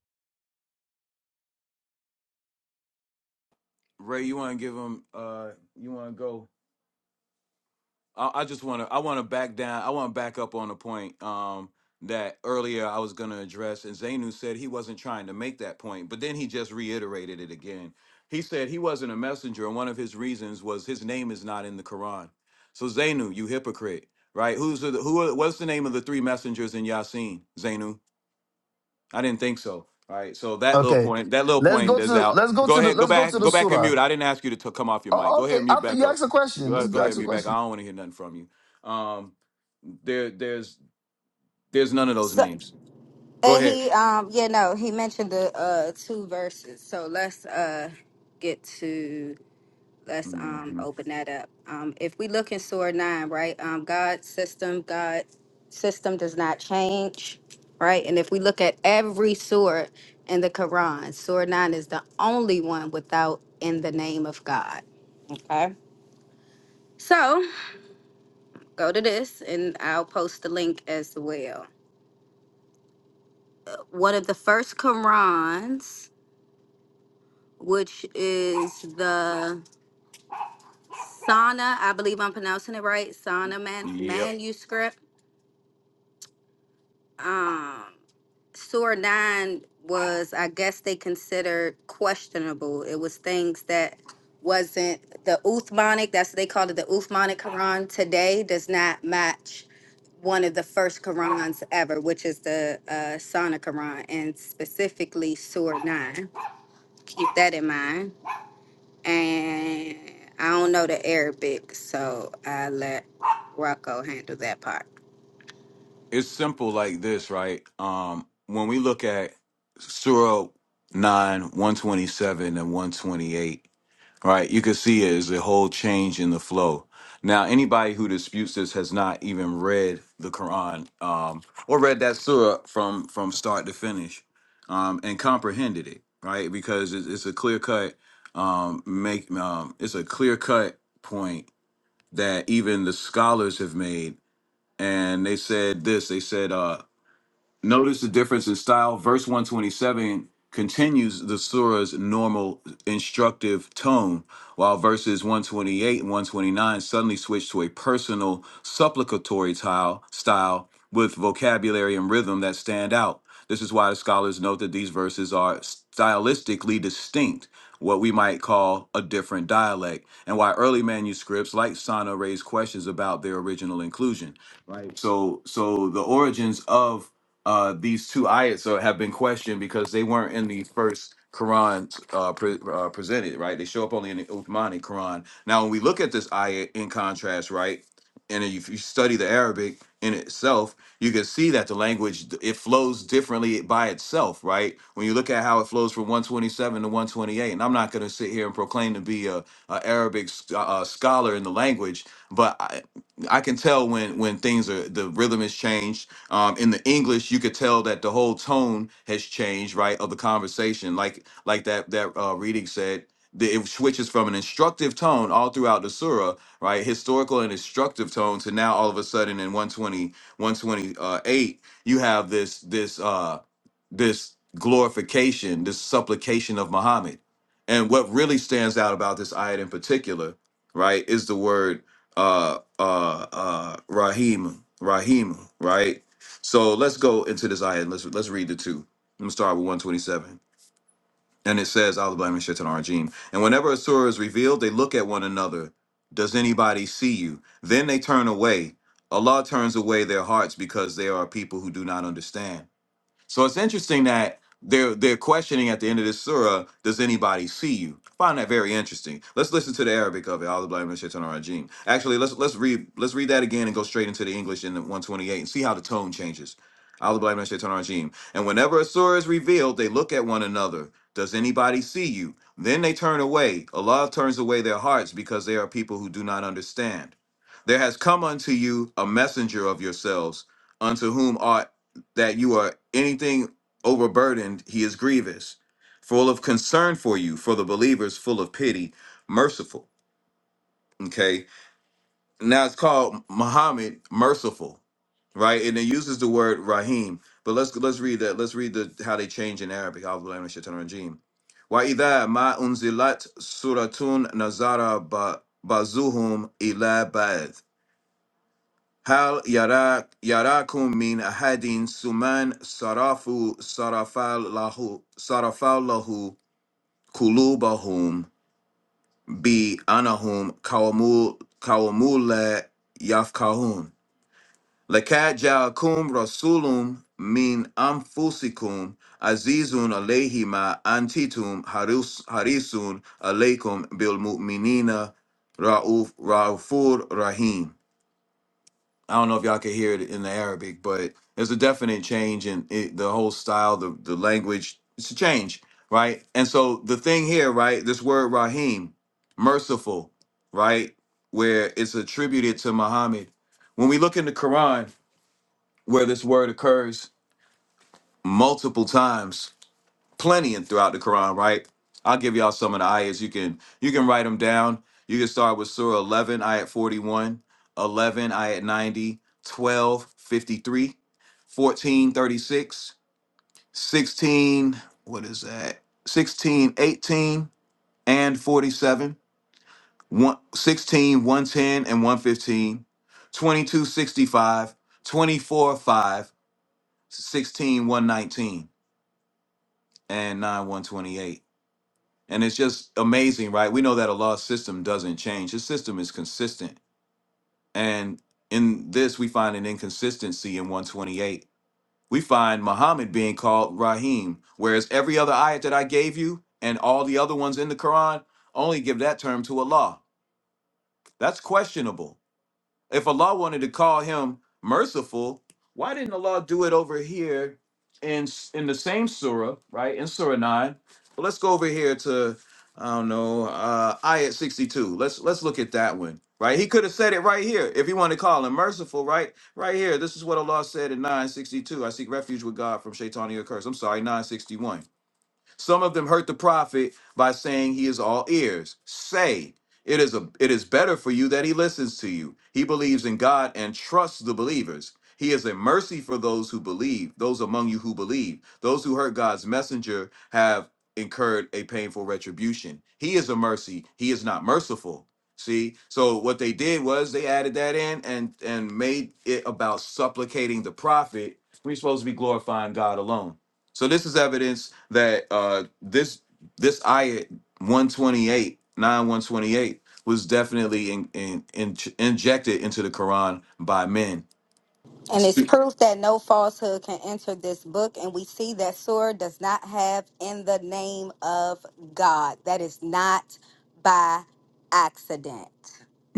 Ray, you want to give him? Uh, you want to go? I, I just want to I want to back down. I want to back up on a point um, that earlier I was going to address, and Zainu said he wasn't trying to make that point, but then he just reiterated it again. He said he wasn't a messenger, and one of his reasons was his name is not in the Quran. So Zainu, you hypocrite, right? Who's the who? are- What's the name of the three messengers in Yasin, Zainu? I didn't think so. All right. So that little Okay. point, that little Let's go point is to out. let's go Go to the ahead. Go let's go to back. the Go back and surah. mute. I didn't ask you to t- come off your mic. Oh, Go ahead okay. and mute After back you up. ask a Go question, let's ahead, go you ahead and ask a mute back. I question. don't want to hear nothing from you. Um, there, there's, there's none of those So names. Go and ahead. he um yeah no he mentioned the uh two verses. So let's uh get to let's um hmm open that up. Um if we look in Surah nine, right? Um God's system, God's system does not change, right? And if we look at every surah in the Quran, Surah nine is the only one without in the name of God. Okay. So go to this and I'll post the link as well. one of the first Qurans, which is the Sana, I believe I'm pronouncing it right, Sana man, Yep. manuscript. Um, Surah 9 was, I guess, they considered questionable. It was things that wasn't the Uthmanic, that's what they called it, the Uthmanic Quran today does not match one of the first Qurans ever, which is the uh, Sana Quran, and specifically Surah 9. Keep that in mind. and I don't know the Arabic, so I let Rocco handle that part. It's simple like this, right? Um, when we look at Surah 9, 127 and 128, right? You can see it is a whole change in the flow. Now, anybody who disputes this has not even read the Quran um, or read that surah from from start to finish um, and comprehended it, right? Because it's, it's a clear cut um, make um, it's a clear cut point that even the scholars have made, and they said this. They said. Uh, Notice the difference in style. Verse 127 continues the surah's normal instructive tone, while verses 128 and 129 suddenly switch to a personal supplicatory tile, style with vocabulary and rhythm that stand out. This is why the scholars note that these verses are stylistically distinct, what we might call a different dialect, and why early manuscripts like Sana raise questions about their original inclusion. Right. So so the origins of uh, these two ayats are, have been questioned because they weren't in the first Quran uh, pre- uh, presented, right? They show up only in the Uthmani Quran. Now, when we look at this ayat in contrast, right, and if you study the Arabic in itself, you can see that the language it flows differently by itself, right? When you look at how it flows from 127 to 128, and I'm not going to sit here and proclaim to be a, a Arabic s- uh, uh, scholar in the language, but I, I can tell when when things are the rhythm is changed um, in the English, you could tell that the whole tone has changed, right, of the conversation. Like like that that uh, reading said, the, it switches from an instructive tone all throughout the surah, right, historical and instructive tone, to now all of a sudden in one twenty one twenty uh, eight, you have this this. Uh, this glorification, this supplication of Muhammad. And what really stands out about this ayat in particular, right, is the word uh uh uh Rahim, Rahim, right? So let's go into this ayat and let's let's read the two. am start with 127. And it says, Allah blame and shaitan Arjim. And whenever a surah is revealed, they look at one another. Does anybody see you? Then they turn away. Allah turns away their hearts because they are a people who do not understand. So it's interesting that they're they're questioning at the end of this surah, does anybody see you? I find that very interesting. Let's listen to the Arabic of it. Allah blame and shaitan rajim. Actually, let's let's read let's read that again and go straight into the English in the 128 and see how the tone changes. Allah blame and shaitan rajim. And whenever a surah is revealed, they look at one another. Does anybody see you? Then they turn away. Allah turns away their hearts because they are people who do not understand. There has come unto you a messenger of yourselves, unto whom are that you are anything overburdened, he is grievous, full of concern for you, for the believers, full of pity, merciful. Okay. Now it's called Muhammad merciful, right? And it uses the word Rahim. But let's let's read that. Let's read the how they change in Arabic. A'udhu billahi minash shaitanir rajeem. وَإِذَا مَا أُنْزِلَتْ سُورَةٌ نَزَرَ بَعْضُهُمْ إِلَى بَعْضٍ هل يراك يراكم من أحد ثم صرفوا صرف له صرف له قلوبهم بأنهم قوم قوم لا يفقهون لقد جاءكم رسول من أنفسكم عزيز عليه ما أنتم حريص حريص عليكم بالمؤمنين رؤوف رحيم I don't know if y'all could hear it in the Arabic, but there's a definite change in it, the whole style, the, the language. It's a change, right? And so the thing here, right, this word Rahim, merciful, right, where it's attributed to Muhammad. When we look in the Quran, where this word occurs multiple times, plenty in throughout the Quran, right? I'll give y'all some of the ayahs. You can you can write them down. You can start with Surah 11, ayat 41, 11, ayat 90, 12, 53, 14, 36, 16, what is that? 16, 18, and 47, one, 16, 110, and 115, 22, 65, 24, 5, 16, 119, and 9, 128. And it's just amazing, right? We know that a law system doesn't change. His system is consistent. And in this, we find an inconsistency in 128. We find Muhammad being called Rahim, whereas every other ayat that I gave you and all the other ones in the Quran only give that term to Allah. That's questionable if Allah wanted to call him merciful, why didn't Allah do it over here in in the same surah, right? In surah 9. But let's go over here to I don't know, uh ayat 62. Let's let's look at that one. Right? He could have said it right here. If he wanted to call him merciful, right? Right here. This is what Allah said in 962. I seek refuge with God from Shaitania curse. I'm sorry, 961. Some of them hurt the prophet by saying he is all ears. Say, it is a it is better for you that he listens to you. He believes in God and trusts the believers. He is a mercy for those who believe, those among you who believe. Those who hurt God's messenger have incurred a painful retribution. He is a mercy. He is not merciful. See? So what they did was they added that in and and made it about supplicating the prophet. We're supposed to be glorifying God alone. So this is evidence that uh, this this ayat one twenty eight nine one twenty eight was definitely in, in, in, injected into the Quran by men. And it's proof that no falsehood can enter this book, and we see that Surah does not have in the name of God. That is not by accident.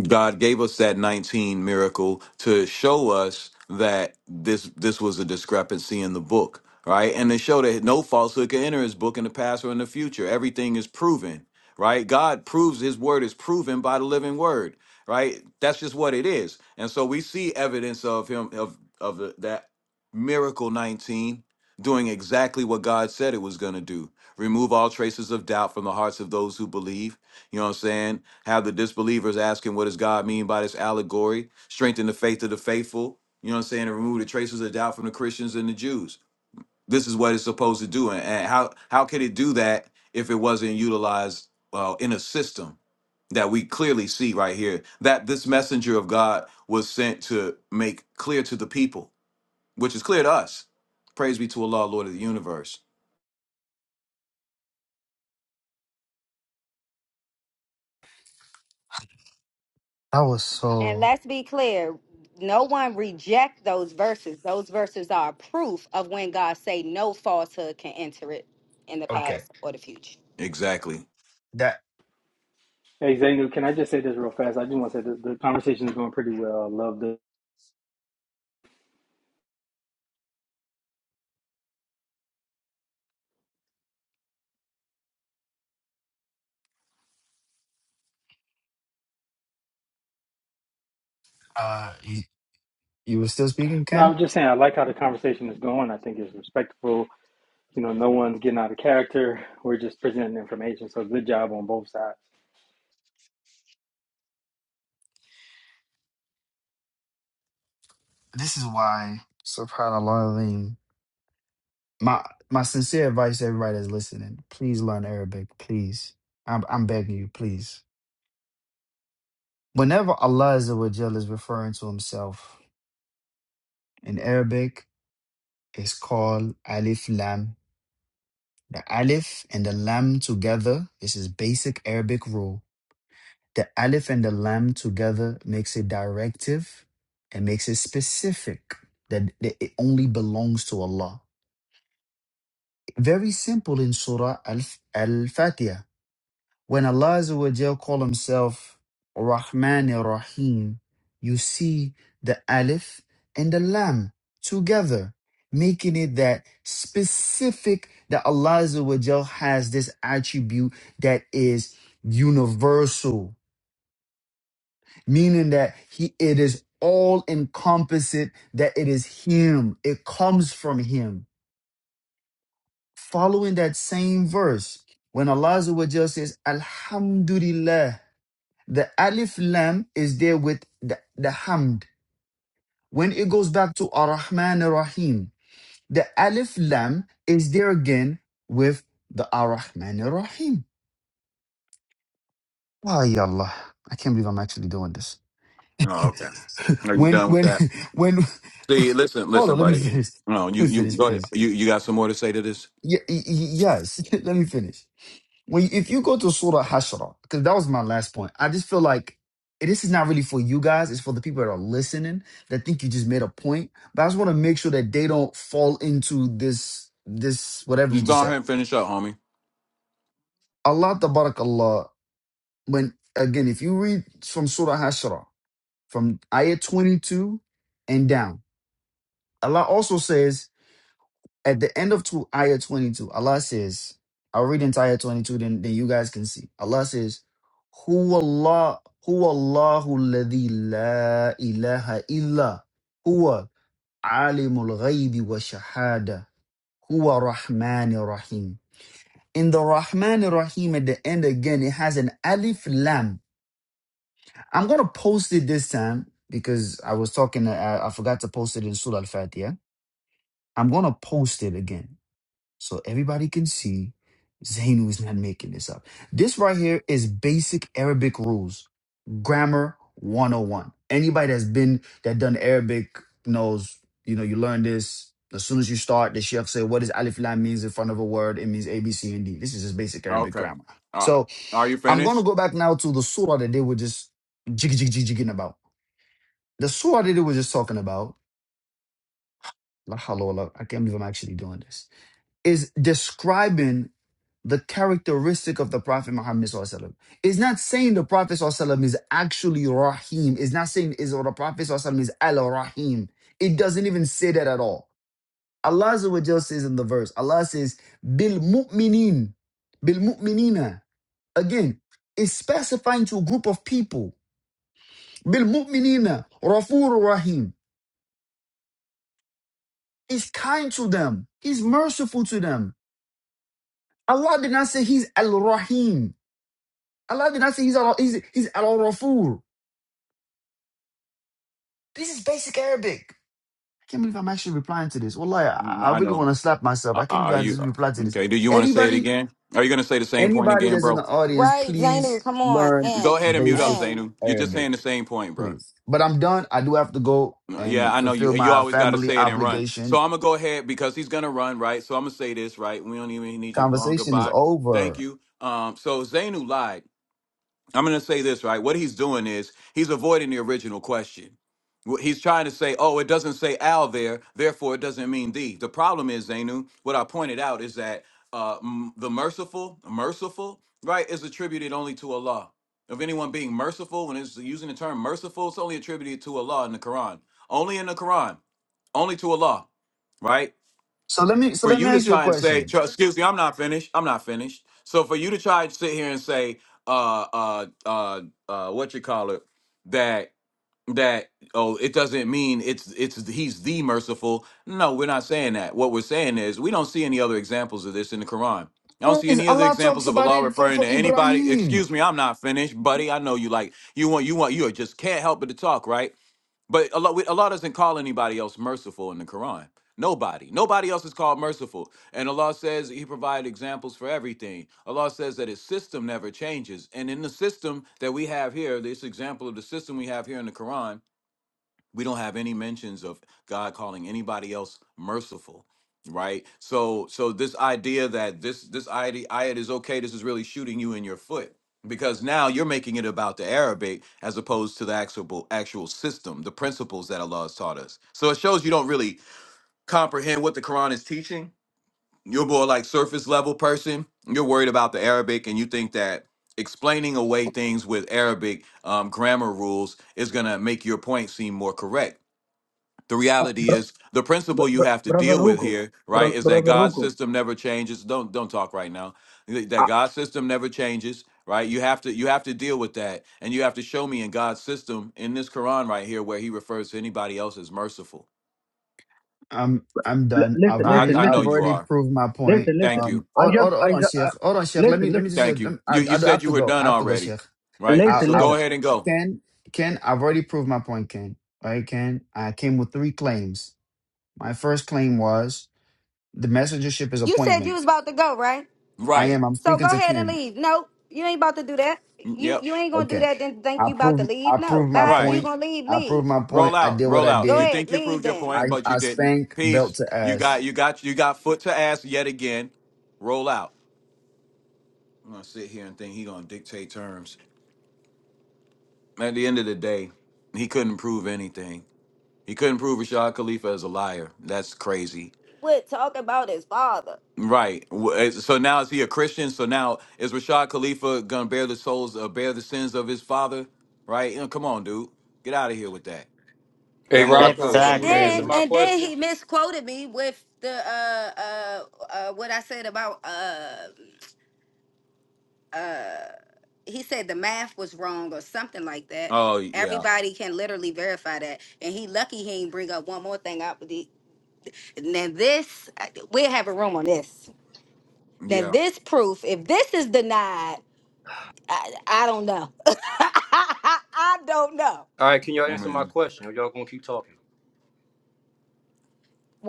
God gave us that 19 miracle to show us that this this was a discrepancy in the book, right? And to show that no falsehood can enter his book in the past or in the future. Everything is proven, right? God proves his word is proven by the living word, right? That's just what it is. And so we see evidence of him of of the, that miracle 19 doing exactly what God said it was going to do. Remove all traces of doubt from the hearts of those who believe. You know what I'm saying? Have the disbelievers asking, what does God mean by this allegory? Strengthen the faith of the faithful, you know what I'm saying? And remove the traces of doubt from the Christians and the Jews. This is what it's supposed to do. And, and how, how could it do that if it wasn't utilized uh, in a system that we clearly see right here? That this messenger of God was sent to make clear to the people, which is clear to us. Praise be to Allah, Lord of the universe. That was And so. let's be clear, no one reject those verses. Those verses are proof of when God say no falsehood can enter it in the Okay. past or the future. Exactly. That Hey Zainu, can I just say this real fast? I just want to say the, the conversation is going pretty well. I love the. uh you, you were still speaking, No, I Ken? was just saying I like how the conversation is going. I think it's respectful. You know, no one's getting out of character. We're just presenting information. So good job on both sides. This is why subhanAllah Aleem. My my sincere advice to everybody that's listening, please learn Arabic, please. I'm I'm begging you, please. Whenever Allah Azza wa Jal is referring to himself in Arabic, it's called Alif Lam. The Alif and the Lam together, this is basic Arabic rule. The aleph and the lam together makes it directive and makes it specific that, that it only belongs to Allah. Very simple in Surah Al- Al-Fatiha. When Allah Azza wa Jal call himself Rahman and Rahim, you see the aleph and the lam together, making it that specific that Allah Azza wa Jal has this attribute that is universal meaning that he it is all encompassing that it is him it comes from him following that same verse when allah Azza wa Jalla says alhamdulillah the alif lam is there with the, the hamd when it goes back to ar-rahman ar-rahim the alif lam is there again with the ar-rahman ar-rahim why allah i can't believe i'm actually doing this Oh, okay. Are you when done with when that? when See, listen, hold listen, on let me buddy. finish No, you, let me you finish go ahead. please You, you got some more to say to this? yeah, yes let me finish when if you go to surah hashra because that was my last point i just feel like this is not really for you guys it's for the people that are listening that think you just made a point but i just want to make sure that they don't fall into this this whatever you Just just go ahead said and finish up, homie. allah tabarakallah when again if you read from surah hashra from ayah 22 and down allah also says at the end of two, ayah 22, Allah says, I'll read entire 22, then, then you guys can see. Allah says, Huwa Allah, huwa Allahu alladhi la ilaha illa huwa alimul ghaybi wa shahada huwa rahman rahim. In the Rahman Rahim at the end again, it has an alif lam. I'm going to post it this time because I was talking, I, I forgot to post it in Surah Al-Fatiha. I'm going to post it again so everybody can see Zainu is not making this up. This right here is basic Arabic rules, grammar 101. Anybody that's been that done Arabic knows, you know, you learn this. As soon as you start, the chef say, what does alif lam means in front of a word? It means A, B, C, and D. This is just basic Arabic Okay. grammar. Uh, So are you I'm gonna finished? go back now to the surah that they were just jiggy jiggy jiggy jigging about. The surah that they were just talking about, la hawla wa la- I can't believe I'm actually doing this, is describing the characteristic of the Prophet Muhammad SAW. It's not saying the Prophet SAW is actually Rahim. It's not saying is or the Prophet SAW is Al Rahim. It doesn't even say that at all. Allah Azza wa Jalla says in the verse, Allah says, Bil mu'minin, bil mu'minina. Again, it's specifying to a group of people. Bil mu'minina, Rafur Rahim. He's kind to them. He's merciful to them. Allah did not say he's Al Rahim. Allah did not say he's Al He's, he's Al Rafur. This is basic Arabic. I can't believe I'm actually replying to this. Wallahi, I, I I really know. want to slap myself. Uh, I can't are believe I you just replied to this. okay? Do you want to say it Anybody, again? Are you going to say the same point anybody again, that's in bro? the audience, Right, please Zainu, come on, learn Go and ahead and mute up, basic and. Zainu. You're just Arabic, saying the same point, bro. please. But I'm done. I do have to go Yeah, and I know fulfill you. You my always got to family say it and run. So obligation. I'm gonna go ahead because he's gonna run, right? So I'm gonna say this, right? We don't even need your long Conversation is goodbye. Thank over. you. Um, so Zainu lied. I'm going to say this, right? What he's doing is he's avoiding the original question. Wh- He's trying to say, oh, it doesn't say Al there, therefore it doesn't mean thee. The problem is, Zainu, what I pointed out is that uh, m- the merciful, merciful, right, is attributed only to Allah. Of anyone being merciful, when it's using the term merciful, it's only attributed to Allah in the Quran. Only in the Quran, only to Allah, right? So let me, so for let me you to ask you a try and say, question. tr- excuse me, I'm not finished. I'm not finished. So for you to try and sit here and say, uh, uh, uh, uh, what you call it, that that oh, it doesn't mean it's it's he's the merciful. No, we're not saying that. What we're saying is we don't see any other examples of this in the Quran. I don't see Is any other Allah talks examples of about Allah it for, referring for to anybody. Ibrahim? Excuse me, I'm not finished, buddy. I know you like you want you want you just can't help but to talk, right? But Allah, we- Allah doesn't call anybody else merciful in the Quran. Nobody. Nobody else is called merciful. And Allah says He provided examples for everything. Allah says that His system never changes. And in the system that we have here, this example of the system we have here in the Quran, we don't have any mentions of God calling anybody else merciful, right? So so this idea that this this idea ayat is okay, this is really shooting you in your foot because now you're making it about the Arabic as opposed to the actual actual system, the principles that Allah has taught us. So it shows you don't really comprehend what the Quran is teaching. You're more like surface level person. You're worried about the Arabic and you think that explaining away things with Arabic um, grammar rules is going to make your point seem more correct the Uh, reality bro, is the bro, principle you bro- have to brother deal with Rugo, here right bro, is that brother god's Rugo. system never changes don't don't talk right now that Uh, god's system never changes right you have to you have to deal with that and you have to show me in god's system in this quran right here where he refers to anybody else as merciful I'm I'm l- done. listen, I've i listen, already i I know I've listen, you already are proved my point. listen, listen. thank Um, you I hold, just, hold, I hold on, just, Sheikh. uh, Hold on, Sheikh. Let me listen, let listen, me just say. thank Let you I, you you I said have you to were go. I done have to go, already Sheikh. right I, listen, so listen. go I've ahead and go Ken Ken. I've already proved my point, Ken. Right, Ken. I came with three claims. My first claim was the messengership is You said you appointment. was about to go, right? I right am. I'm So speaking go to ahead and Ken. leave. No, you ain't about to do that. Mm, You yep you ain't gonna do Okay. that. Then think I you about to proved leave. I No, proved my bye. If right you point. gonna leave, I leave. proved my point. Roll I out, did what roll I out. Go You did. ahead, think you leave. proved your Then I point, but you I didn't. spank belt Peace. to You ass. got, you got, you got foot to ass yet again. Roll out. I'm gonna sit here and think he gonna dictate terms. At the end of the day, he couldn't prove anything. He couldn't prove Rashad Khalifa is a liar. That's crazy. would talk about his father, Right. W- eh, So now is he a Christian? So now is Rashad Khalifa gonna bear the souls, uh, bear the sins of his father? Right. You know, come on, dude. Get out of here with that. Hey That whole account. Rocco, and can you Exactly. answer then my and then question? he misquoted me with the uh uh, uh what I said about uh uh he said the math was wrong or something like that. Oh yeah, Everybody can literally verify that, and he lucky he ain't bring up one more thing. Up with the now this we'll have a room on this. Now, yeah. this proof, if this is denied, I, I don't know. I don't know. All right, can y'all I answer my mean, question? Or y'all gonna keep talking?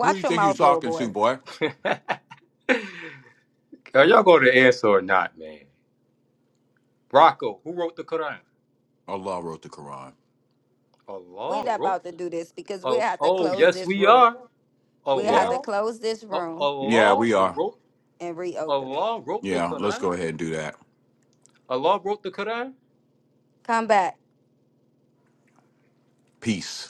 who do you your think you're mouth, little talking to, boy. boy? Are y'all gonna answer or not, man? Rocco, who wrote the Quran? Allah wrote the Quran. We're Allah not wrote. about to do this because we Oh, have to oh, close yes, this we room. are. We have Yeah. to Allah, close this A- room Yeah, Allah we are. wrote. and reopen it. Allah wrote the Yeah, let's Quran. go ahead and do that. Allah wrote the Quran. Come back. Peace.